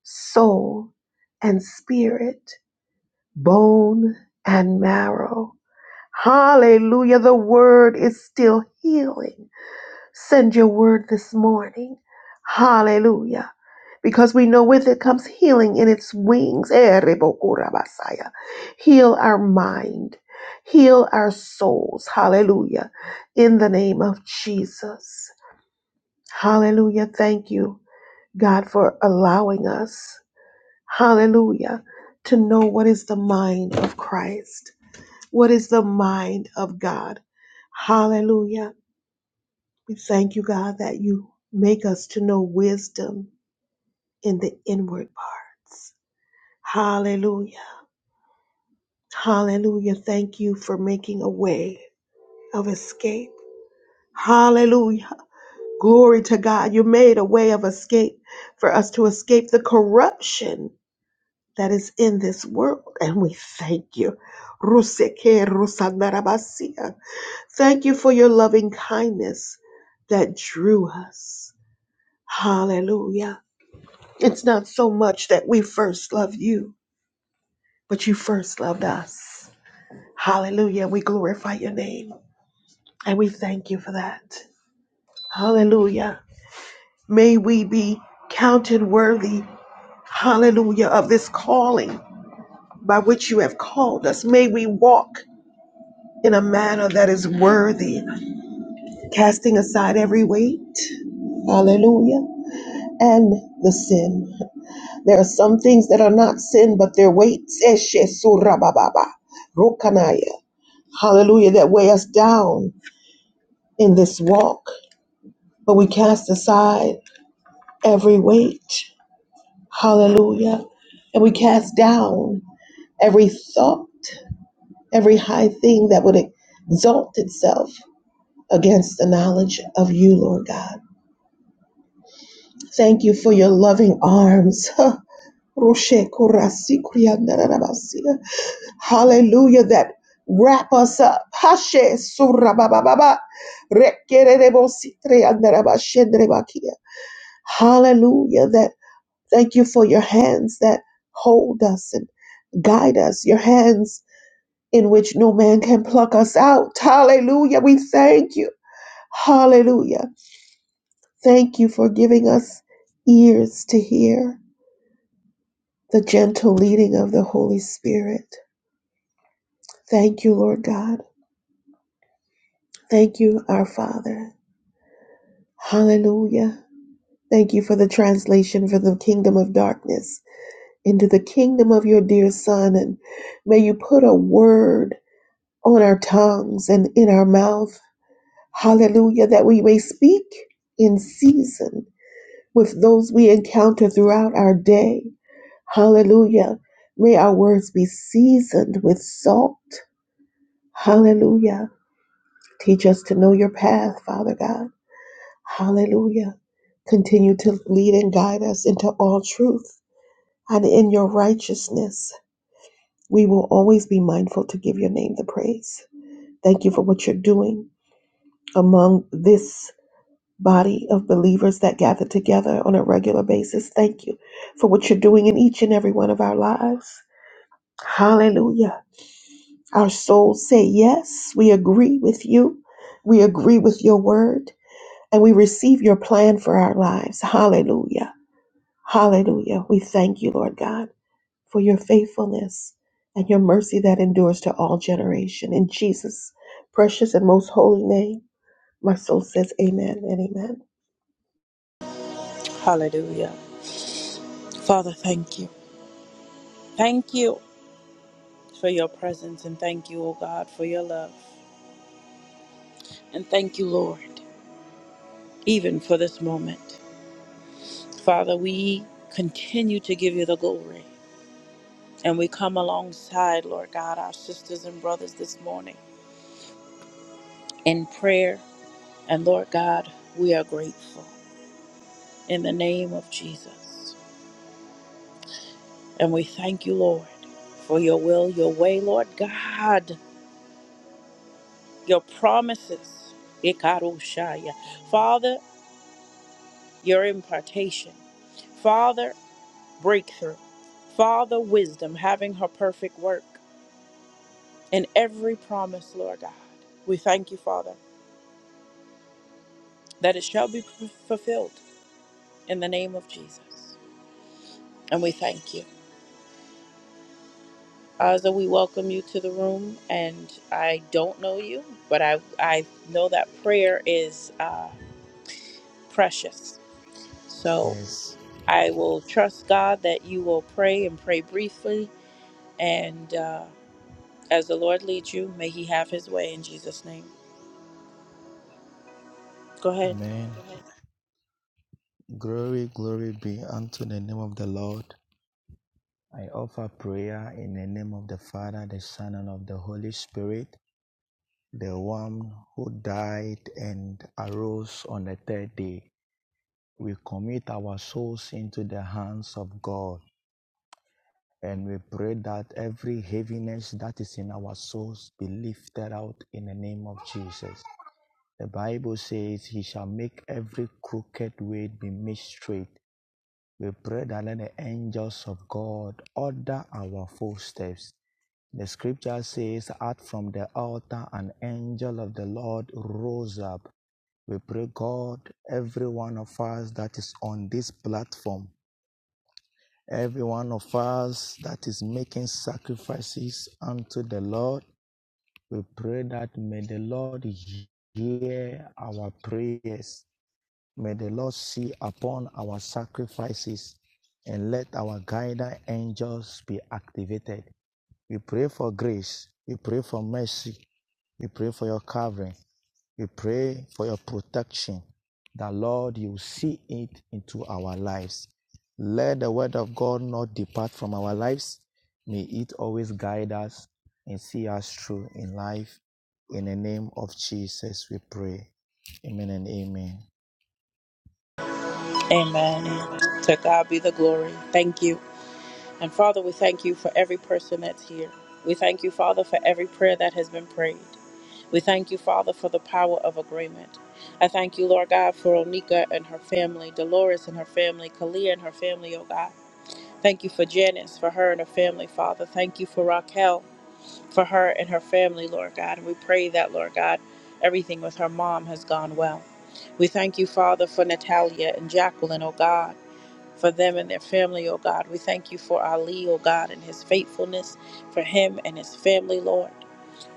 [SPEAKER 8] soul and spirit, bone and marrow. Hallelujah. The word is still healing. Send your word this morning. Hallelujah. Because we know with it comes healing in its wings. Eh, rebokurabasaya. Heal our mind. Heal our souls. Hallelujah. In the name of Jesus. Hallelujah. Thank you, God, for allowing us. Hallelujah. To know what is the mind of Christ. What is the mind of God? Hallelujah. We thank you, God, that you make us to know wisdom in the inward parts. Hallelujah. Hallelujah. Thank you for making a way of escape. Hallelujah. Glory to God. You made a way of escape for us to escape the corruption that is in this world. And we thank you. Ruseke rusandarabasia. Thank you for your loving kindness that drew us. Hallelujah. It's not so much that we first love you, but you first loved us. Hallelujah. We glorify your name and we thank you for that. Hallelujah. May we be counted worthy, hallelujah, of this calling by which you have called us. May we walk in a manner that is worthy, casting aside every weight. Hallelujah. And the sin. There are some things that are not sin, but their weights. Eshe surabababa, rokanaya. Hallelujah. That weigh us down in this walk. But we cast aside every weight. Hallelujah. And we cast down every thought, every high thing that would exalt itself against the knowledge of you, Lord God. Thank you for your loving arms. Roshe korasi kriyandarabasi. Hallelujah, that wrap us up. Hashe surabababa. Rekererebosi triyandarabashendrebakia. Hallelujah, that thank you for your hands that hold us and guide us, your hands in which no man can pluck us out. Hallelujah, we thank you. Hallelujah. Thank you for giving us ears to hear the gentle leading of the Holy Spirit. Thank you, Lord God. Thank you, our Father. Hallelujah. Thank you for the translation from the kingdom of darkness into the kingdom of your dear Son. And may you put a word on our tongues and in our mouth. Hallelujah. That we may speak in season with those we encounter throughout our day. Hallelujah. May our words be seasoned with salt. Hallelujah Teach us to know your path, Father God. Hallelujah. Continue to lead and guide us into all truth. And in your righteousness, we will always be mindful to give your name the praise. Thank you for what you're doing among this body of believers that gather together on a regular basis. Thank you for what you're doing in each and every one of our lives. Hallelujah. Our souls say, Yes, we agree with you. We agree with your word. and we receive your plan for our lives. Hallelujah. Hallelujah. We thank you, Lord God, for your faithfulness and your mercy that endures to all generation. In Jesus' precious and most holy name, my soul says amen and amen.
[SPEAKER 1] Hallelujah. Father, thank you. Thank you for your presence and thank you, O God, for your love. And thank you, Lord, even for this moment. Father, we continue to give you the glory. And we come alongside, Lord God, our sisters and brothers this morning in prayer. And Lord God, we are grateful. in the name of Jesus. And we thank you, Lord, for your will, your way, Lord God, your promises. Ikarushaya. Father, your impartation. Father, breakthrough. Father, wisdom, having her perfect work in every promise, Lord God. We thank you, Father, that it shall be f- fulfilled in the name of Jesus. And we thank you. Aza, we welcome you to the room, and I don't know you, but I I know that prayer is uh, precious. So
[SPEAKER 9] Yes.
[SPEAKER 1] I will trust God that you will pray and pray briefly, and uh, as the Lord leads you, may He have His way in Jesus' name. Go ahead.
[SPEAKER 9] Amen. Go ahead. Glory, glory be unto the name of the Lord. I offer prayer in the name of the Father, the Son, and of the Holy Spirit, the one who died and arose on the third day. We commit our souls into the hands of God. And we pray that every heaviness that is in our souls be lifted out in the name of Jesus. The Bible says, He shall make every crooked way be made straight We pray that let the angels of God order our footsteps. The scripture says, Out from the altar, an angel of the Lord rose up. We pray, God, every one of us that is on this platform, every one of us that is making sacrifices unto the Lord, we pray that may the Lord hear our prayers. May the Lord see upon our sacrifices and let our guiding angels be activated. We pray for grace. We pray for mercy. We pray for your covering. We pray for your protection. That Lord, you see it into our lives. Let the word of God not depart from our lives. May it always guide us and see us through in life. In the name of Jesus, we pray. Amen and amen.
[SPEAKER 1] Amen.
[SPEAKER 9] Amen.
[SPEAKER 1] To God be the glory. Thank you, and Father, we thank you for every person that's here. We thank you, Father, for every prayer that has been prayed. We thank you, Father, for the power of agreement. I thank you, Lord God, for Onika and her family, Dolores and her family, Kalia and her family, oh God. Thank you for Janice, for her and her family, Father. Thank you for Raquel, for her and her family, Lord God. And we pray that, Lord God, everything with her mom has gone well. We thank you, Father, for Natalia and Jacqueline, oh God, for them and their family, oh God. We thank you for Ali, oh God, and his faithfulness, for him and his family, Lord.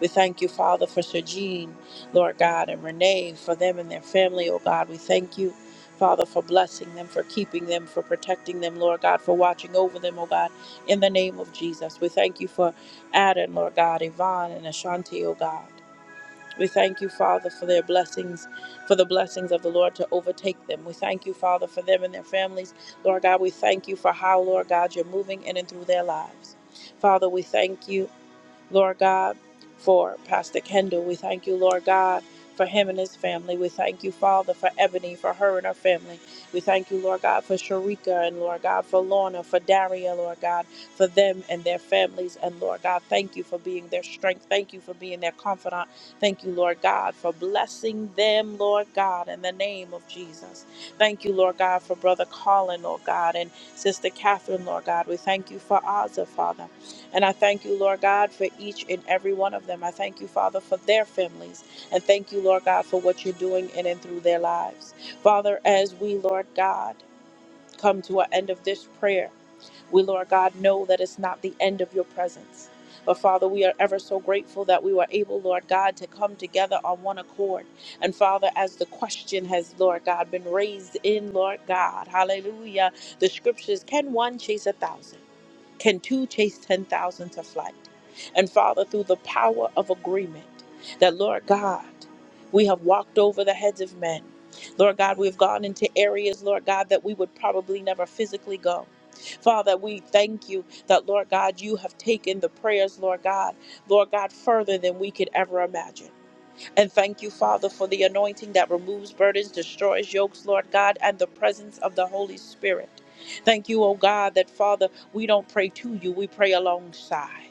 [SPEAKER 1] We thank you, Father, for Sir Jean, Lord God, and Renee, for them and their family, oh God. We thank you, Father, for blessing them, for keeping them, for protecting them, Lord God, for watching over them, oh God, in the name of Jesus. We thank you for Adam, Lord God, Yvonne, and Ashanti, oh God. We thank you, Father, for their blessings, for the blessings of the Lord to overtake them. We thank you, Father, for them and their families. Lord God, we thank you for how, Lord God, you're moving in and through their lives. Father, we thank you. Lord God, for Pastor Kendall. We thank you, Lord God, for him and his family. We thank you, Father, for Ebony, for her and her family. We thank you, Lord God, for Sharika and Lord God, for Lorna, for Daria, Lord God, for them and their families. And Lord God, thank you for being their strength. Thank you for being their confidant. Thank you, Lord God, for blessing them, Lord God, in the name of Jesus. Thank you, Lord God, for Brother Colin, Lord God, and Sister Catherine, Lord God. We thank you for Ozza, Father. And I thank you, Lord God, for each and every one of them. I thank you, Father, for their families. And thank you, Lord God, for what you're doing in and through their lives. Father, as we, Lord God, come to an end of this prayer, we, Lord God, know that it's not the end of your presence. But Father, we are ever so grateful that we were able, Lord God, to come together on one accord. And Father, as the question has, Lord God, been raised in, Lord God, hallelujah, the scriptures can one chase a thousand? Can two chase 10,000 to flight? And Father, through the power of agreement, that, Lord God, we have walked over the heads of men. Lord God, we've gone into areas, Lord God, that we would probably never physically go. Father, we thank you that, Lord God, you have taken the prayers, Lord God, Lord God, further than we could ever imagine. And thank you, Father, for the anointing that removes burdens, destroys yokes, Lord God, and the presence of the Holy Spirit. Thank you, O God, that, Father, we don't pray to you, we pray alongside.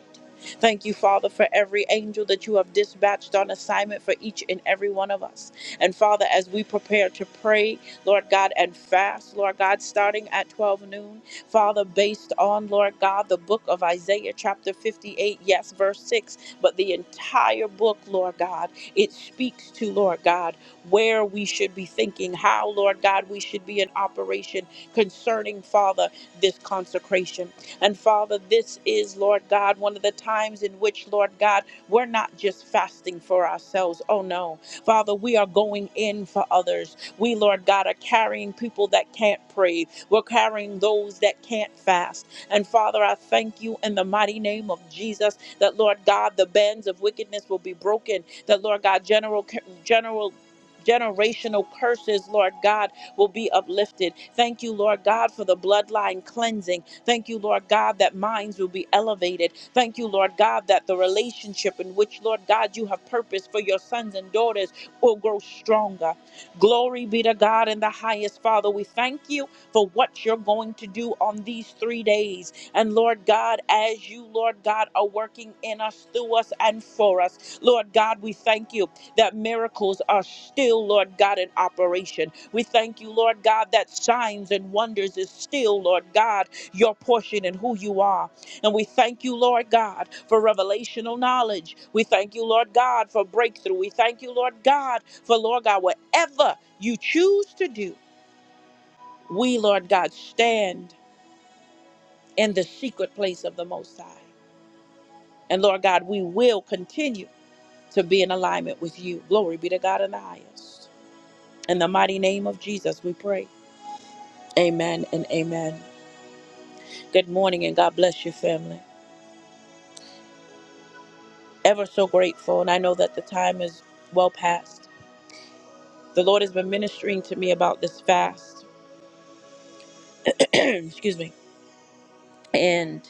[SPEAKER 1] Thank you, Father, for every angel that you have dispatched on assignment for each and every one of us. And Father, as we prepare to pray, Lord God, and fast, Lord God, starting at 12 noon, Father, based on, Lord God, the book of Isaiah, chapter 58, yes, verse 6, but the entire book, Lord God, it speaks to, Lord God, where we should be thinking, how, Lord God, we should be in operation concerning, Father, this consecration. And Father, this is, Lord God, one of the times in which, Lord God, we're not just fasting for ourselves. Oh, no. Father, we are going in for others. We, Lord God, are carrying people that can't pray. We're carrying those that can't fast. And Father, I thank you in the mighty name of Jesus that, Lord God, the bands of wickedness will be broken. That, Lord God, general, general, generational curses, Lord God, will be uplifted. Thank you, Lord God, for the bloodline cleansing. Thank you, Lord God, that minds will be elevated. Thank you, Lord God, that the relationship in which, Lord God, you have purposed for your sons and daughters will grow stronger. Glory be to God in the highest, Father. We thank you for what you're going to do on these three days. And Lord God, as you, Lord God, are working in us, through us, and for us, Lord God, we thank you that miracles are still, Lord God, in operation. We thank you, Lord God, that signs and wonders is still, Lord God, your portion and who you are. And we thank you, Lord God, for revelational knowledge. We thank you, Lord God, for breakthrough. We thank you, Lord God, for, Lord God, whatever you choose to do, we, Lord God, stand in the secret place of the Most High. And Lord God, we will continue to be in alignment with you. Glory be to God in the highest. In the mighty name of Jesus, we pray. Amen and amen. Good morning and God bless your family. ever so grateful, and I know that the time is well past. The Lord has been ministering to me about this fast. Excuse me. And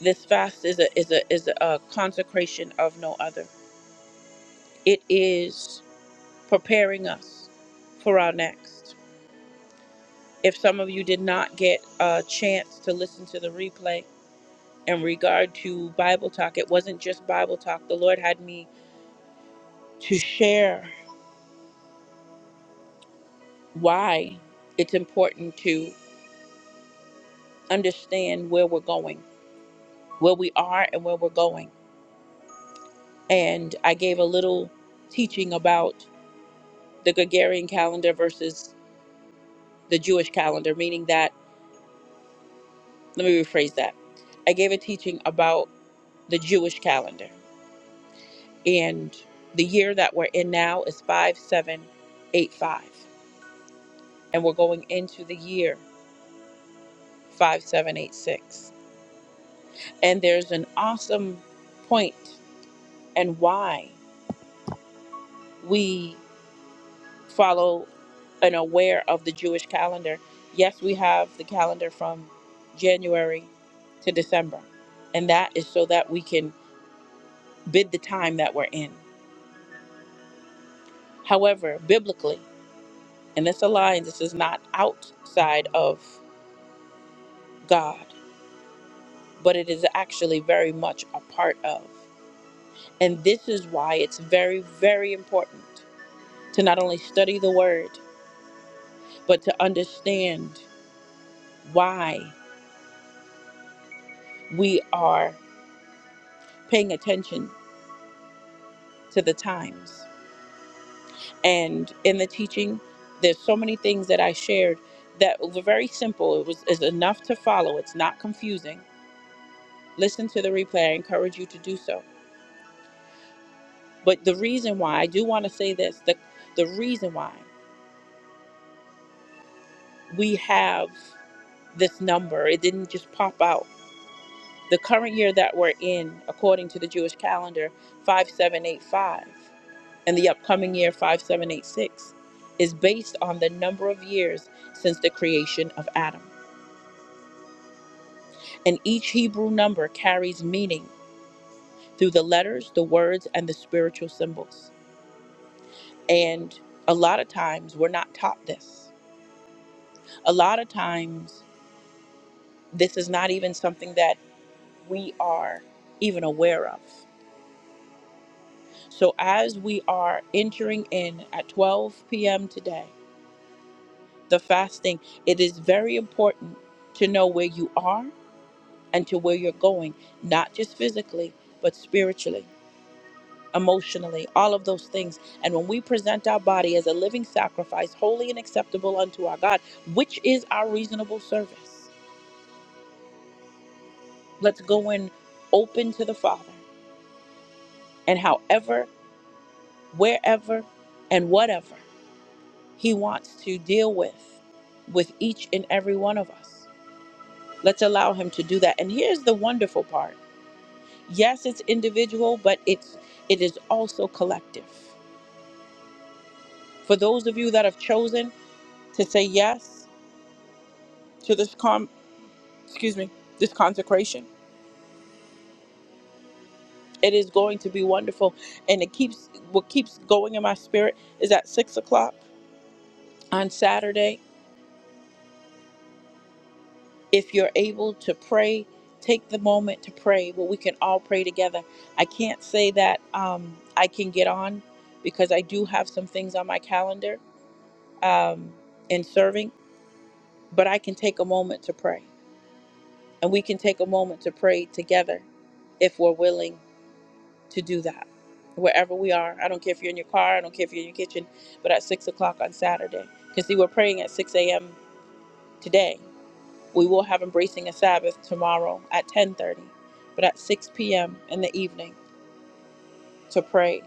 [SPEAKER 1] this fast is a is a is a consecration of no other. It is preparing us for our next. If some of you did not get a chance to listen to the replay in regard to Bible talk, it wasn't just Bible talk. The Lord had me to share why it's important to understand where we're going where we are and where we're going. And I gave a little teaching about the Gregorian calendar versus the Jewish calendar, meaning that, let me rephrase that. I gave a teaching about the Jewish calendar. And the year that we're in now is 5785. And we're going into the year 5786. And there's an awesome point and why we follow and aware of the Jewish calendar. Yes, we have the calendar from January to December, and that is so that we can bid the time that we're in. However, biblically, and this aligns, this is not outside of God, but it is actually very much a part of. And this is why it's very, very important to not only study the word, but to understand why we are paying attention to the times. And in the teaching, there's so many things that I shared that were very simple. It was is enough to follow. It's not confusing. Listen to the replay. I encourage you to do so. But the reason why I do want to say this, the the reason why we have this number, it didn't just pop out. The current year that we're in, according to the Jewish calendar, 5785. and the upcoming year 5786 is based on the number of years since the creation of Adam. And each Hebrew number carries meaning through the letters, the words, and the spiritual symbols. And a lot of times we're not taught this. A lot of times this is not even something that we are even aware of. So as we are entering in at 12 p.m. today, the fasting, it is very important to know where you are and to where you're going, not just physically, but spiritually, emotionally, all of those things. And when we present our body as a living sacrifice, holy and acceptable unto our God, which is our reasonable service, let's go in open to the Father. And however, wherever, and whatever He wants to deal with, with each and every one of us, let's allow Him to do that. And here's the wonderful part yes, it's individual, but it's, it is also collective For those of you that have chosen to say yes to this com excuse me, this consecration, it is going to be wonderful. And it keeps what keeps going in my spirit is at six o'clock on Saturday. If you're able to pray, take the moment to pray where we can all pray together. I can't say that um, I can get on because I do have some things on my calendar um, in serving, but I can take a moment to pray. And we can take a moment to pray together if we're willing to do that wherever we are. I don't care if you're in your car, I don't care if you're in your kitchen, but at six o'clock on Saturday. Because see, we're praying at six a.m. today. We will have embracing a Sabbath tomorrow at ten thirty, but at six p.m. in the evening to pray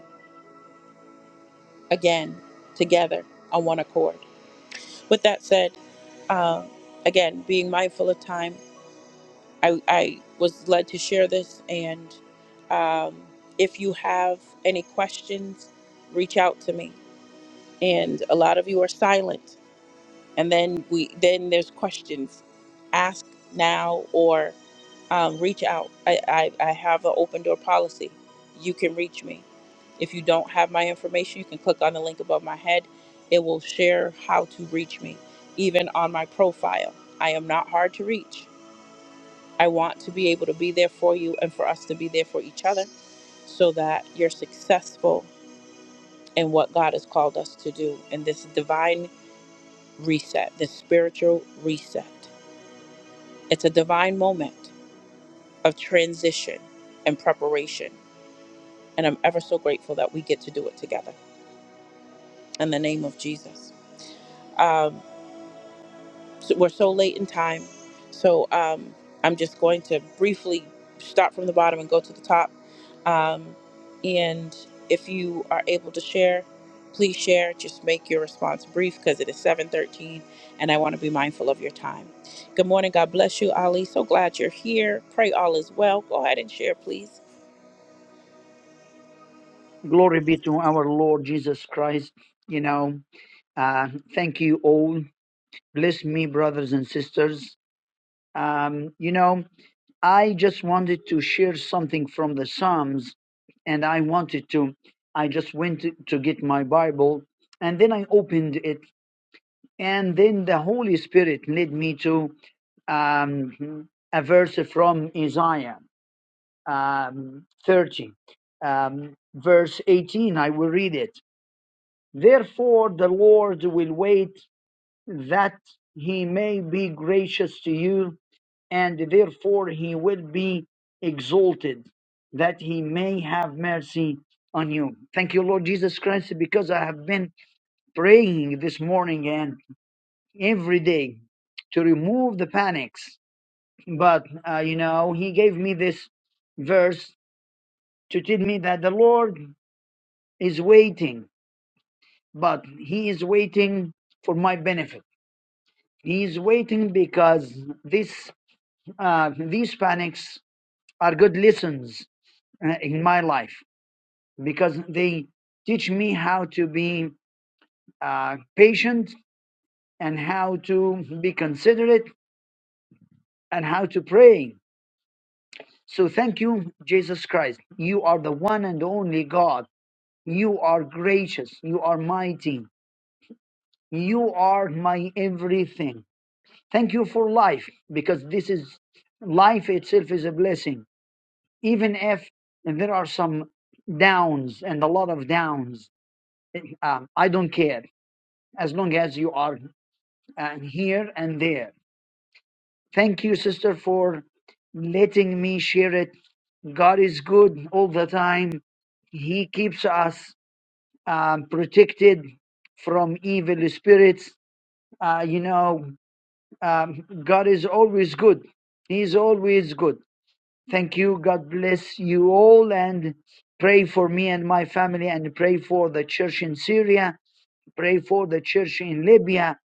[SPEAKER 1] again together on one accord. With that said, um, again, being mindful of time, I, I was led to share this. And um, if you have any questions, reach out to me. and a lot of you are silent and then we then there's questions ask now or um, reach out I, I i have an open door policy you can reach me if you don't have my information you can click on the link above my head it will share how to reach me even on my profile i am not hard to reach i want to be able to be there for you and for us to be there for each other so that you're successful in what god has called us to do in this divine reset, This spiritual reset. It's a divine moment of transition and preparation. And I'm ever so grateful that we get to do it together in the name of Jesus. Um, so we're so late in time. So um, I'm just going to briefly start from the bottom and go to the top. Um, and if you are able to share, please share. Just make your response brief because it is 7:13, and I want to be mindful of your time. Good morning. God bless you, Ali. So glad you're here. Pray all is well. Go ahead and share, please.
[SPEAKER 10] Glory be to our Lord Jesus Christ. You know, uh, thank you all. Bless me, brothers and sisters. Um, you know, I just wanted to share something from the Psalms, and I wanted to, I just went to, to get my Bible, and then I opened it, and then the Holy Spirit led me to um, a verse from Isaiah um, 30, um, verse 18. I will read it Therefore, the Lord will wait that he may be gracious to you, and therefore he will be exalted, that he may have mercy on you. Thank you, Lord Jesus Christ, because I have been praying this morning and every day to remove the panics. But, uh, you know, he gave me this verse to tell me that the Lord is waiting, but he is waiting for my benefit He's waiting because this uh, these panics are good lessons uh, in my life because they teach me how to be uh, patient and how to be considerate and how to pray. So thank you, Jesus Christ. You are the one and only God. You are gracious. You are mighty. You are my everything. Thank you for life because this is life itself is a blessing even if there are some downs and a lot of downs, um, I don't care as long as you are uh, here and there. Thank you, sister, for letting me share it. God is good all the time. He keeps us um, protected from evil spirits. Uh, you know, um, God is always good. He's always good Thank you. God bless you all and pray for me and my family and pray for the church in Syria. Pray for the church in Libya.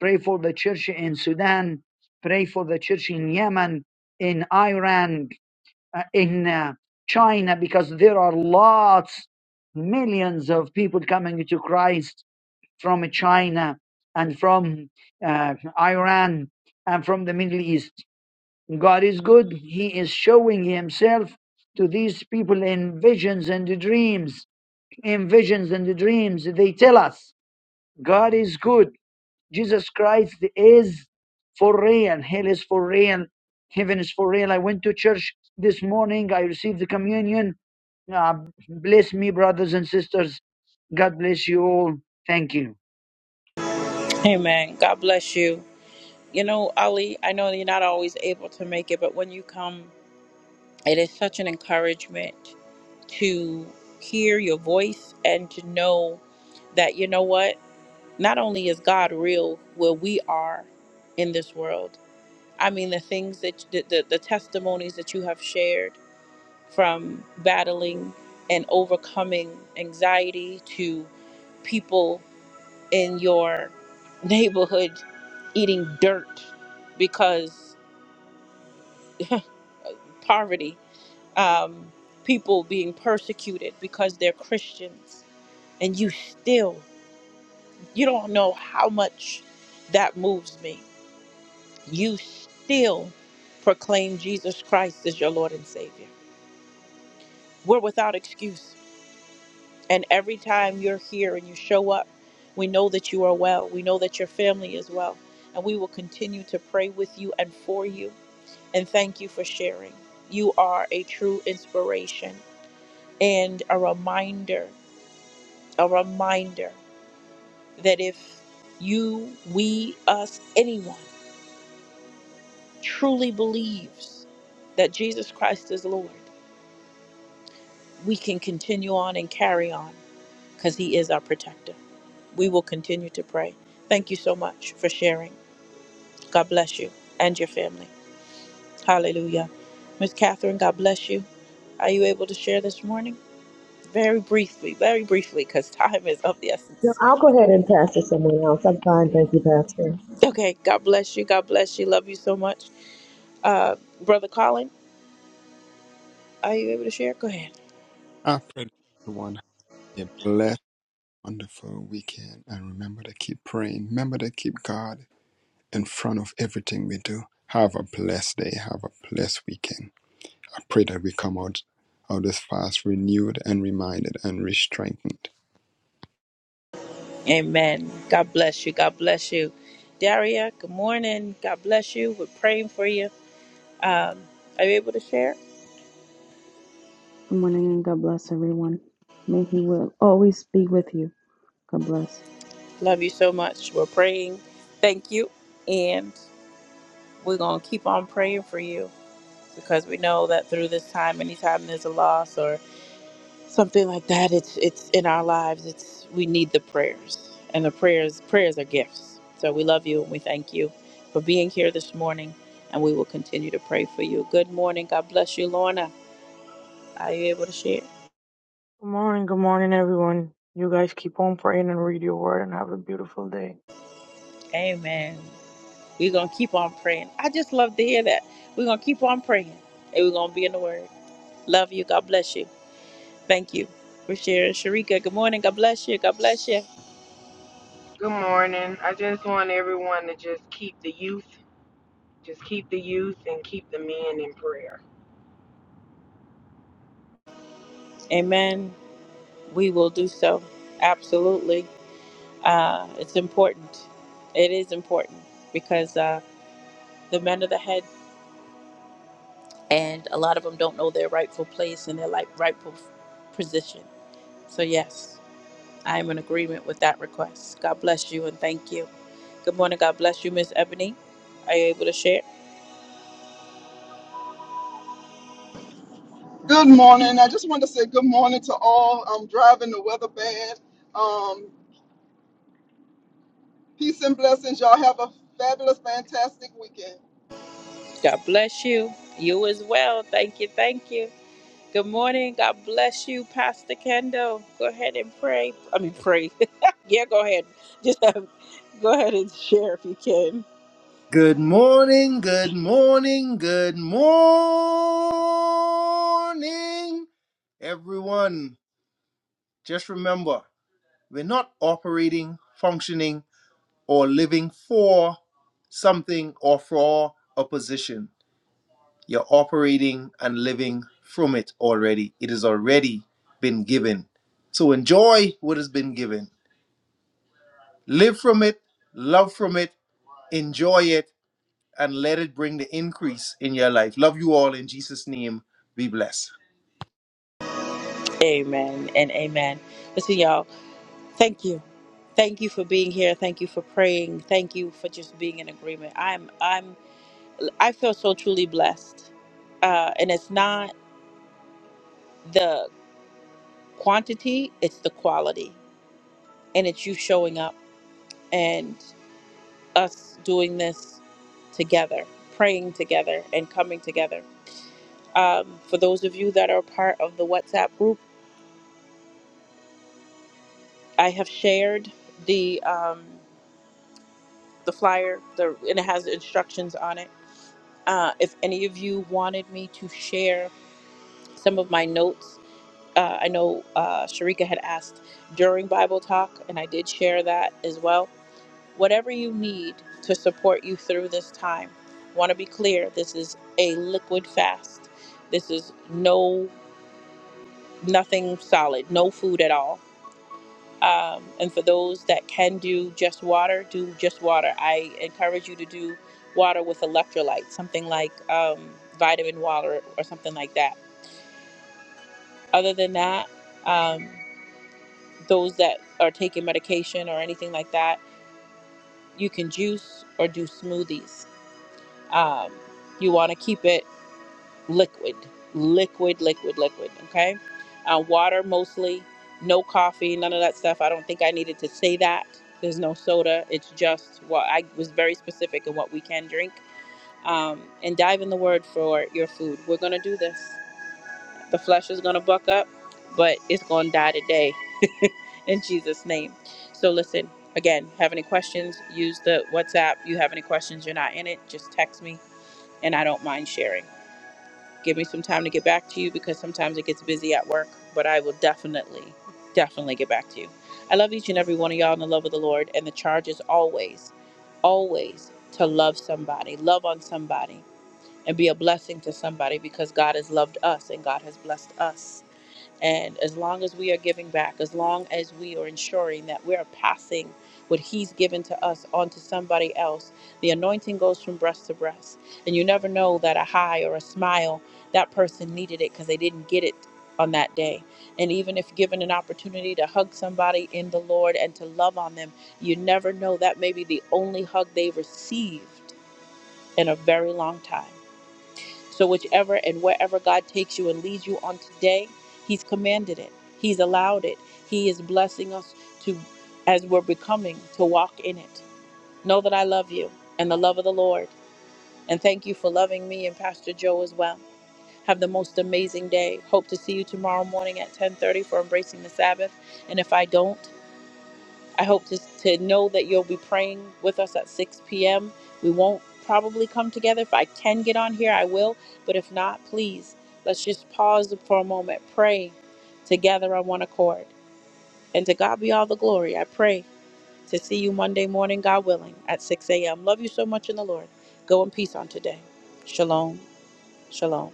[SPEAKER 10] Pray for the church in Sudan. Pray for the church in Yemen, in Iran, uh, in uh, China, because there are lots, millions of people coming to Christ from China and from uh, Iran and from the Middle East. God is good. He is showing himself to these people in visions and dreams. In visions and dreams, they tell us God is good. Jesus Christ is for real. Hell is for real. Heaven is for real. I went to church this morning. I received the communion. Ah, bless me, brothers and sisters. God bless you all. Thank you.
[SPEAKER 1] Amen. God bless you. You know, Ali, I know you're not always able to make it, but when you come, it is such an encouragement to hear your voice and to know that you know what not only is god real where we are in this world i mean the things that the, the, the testimonies that you have shared from battling and overcoming anxiety to people in your neighborhood eating dirt because poverty um, people being persecuted because they're christians and you still You don't know how much that moves me. You still proclaim Jesus Christ as your Lord and Savior. We're without excuse. And every time you're here and you show up, we know that you are well. We know that your family is well. And we will continue to pray with you and for you. And thank you for sharing. You are a true inspiration and a reminder, a reminder that if you, we, us, anyone, truly believes that Jesus Christ is Lord, we can continue on and carry on because He is our protector. We will continue to pray. Thank you so much for sharing. God bless you and your family. Hallelujah. Miss Catherine, God bless you. Are you able to share this morning? Very briefly, very briefly, because time is of the
[SPEAKER 8] No,
[SPEAKER 1] essence.
[SPEAKER 8] I'll go ahead and pass to someone else. I'm fine, thank you, Pastor.
[SPEAKER 1] Okay, God bless you. God bless you. Love you so much. Uh, Brother Colin, are you able to share? Go ahead.
[SPEAKER 7] I pray that everyone have a blessed, wonderful weekend and remember to keep praying. Remember to keep God in front of everything we do. Have a blessed day. Have a blessed weekend. I pray that we come out of this fast renewed and reminded and re-strengthened.
[SPEAKER 1] Amen. God bless you. God bless you. Daria, good morning. God bless you. We're praying for you. Um, are you able to share?
[SPEAKER 6] Good morning and God bless everyone. May He will always be with you. God bless.
[SPEAKER 1] Love you so much. We're praying. Thank you. And we're going to keep on praying for you because we know that through this time, anytime there's a loss or something like that, it's it's in our lives. It's we need the prayers. And the prayers prayers are gifts. So we love you and we thank you for being here this morning and we will continue to pray for you. Good morning. God bless you, Lorna. Are you able to share?
[SPEAKER 3] morning, good morning, everyone. You guys keep on praying and read your word and have a beautiful day.
[SPEAKER 1] Amen. We're going to keep on praying. I just love to hear that. We're going to keep on praying and we're going to be in the Word. Love you. God bless you. Thank you for sharing. Sharika, good morning. God bless you. God bless you.
[SPEAKER 2] Good morning. I just want everyone to just keep the youth, just keep the youth and keep the men in prayer.
[SPEAKER 1] Amen. We will do so. Absolutely. Uh, it's important. It is important because uh, the men of the head, and a lot of them don't know their rightful place and their like rightful position. So, yes. I am in agreement with that request. God bless you and thank you. Good morning. God bless you, Miss Ebony. Are you able to share?
[SPEAKER 4] good morning i just want to say good morning to all i'm driving the weather bad um, peace and blessings y'all have a fabulous fantastic weekend
[SPEAKER 1] God bless you. You as well. Thank you. Thank you. Good morning. God bless you, Pastor Kendall. Go ahead and pray. I mean, pray. yeah, go ahead. Just um, go ahead and share if you can.
[SPEAKER 5] Good morning, good morning, good morning, everyone. Just remember. We're not operating, functioning, or living for something or for a position. You're operating and living from it already. It has already been given. So enjoy what has been given. Live from it, love from it, enjoy it, and let it bring the increase in your life. Love you all in Jesus' name. Be blessed.
[SPEAKER 1] Amen and amen. Listen, y'all. Thank you. Thank you for being here. Thank you for praying. Thank you for just being in agreement. I'm. I'm. I feel so truly blessed. Uh, and it's not the quantity, it's the quality. And it's you showing up and us doing this together, praying together, and coming together. Um, for those of you that are part of the WhatsApp group, I have shared the um, the flyer, the, and it has instructions on it. Uh, if any of you wanted me to share some of my notes Uh, I know uh, Sharika had asked during Bible Talk, and I did share that as well. Whatever you need to support you through this time, want to be clear this is a liquid fast. This is no, nothing solid, no food at all. Um, and for those that can do just water, do just water. I encourage you to do water with electrolytes, something like um, vitamin water or something like that. Other than that, um, those that are taking medication or anything like that, you can juice or do smoothies. Um, you want to keep it liquid, liquid, liquid, liquid. Okay. Uh, water mostly, no coffee, none of that stuff. I don't think I needed to say that. There's no soda. It's just what I was very specific in what we can drink. Um, and dive in the word for your food. We're going to do this. The flesh is going to buck up, but it's going to die today in Jesus' name. So listen, again, have any questions, use the WhatsApp. You have any questions, you're not in it, just text me and I don't mind sharing. Give me some time to get back to you because sometimes it gets busy at work, but I will definitely, definitely get back to you. I love each and every one of y'all in the love of the Lord, and the charge is always, always to love somebody, love on somebody, and be a blessing to somebody because God has loved us and God has blessed us. And as long as we are giving back, as long as we are ensuring that we are passing what He's given to us onto somebody else, the anointing goes from breast to breast. And you never know that a high or a smile, that person needed it because they didn't get it on that day. And even if given an opportunity to hug somebody in the Lord and to love on them, you never know that may be the only hug they received in a very long time. So, whichever and wherever God takes you and leads you on today, He's commanded it, He's allowed it. He is blessing us to, as we're becoming, to walk in it. Know that I love you and the love of the Lord. And thank you for loving me and Pastor Joe as well. Have the most amazing day. Hope to see you tomorrow morning at 10:30 for embracing the Sabbath. And if I don't, I hope to, to know that you'll be praying with us at 6 p.m. We won't probably come together. If I can get on here, I will. But if not, please, let's just pause for a moment, pray together on one accord. And to God be all the glory. I pray to see you Monday morning, God willing, at 6 a.m. Love you so much in the Lord. Go in peace on today. Shalom. Shalom.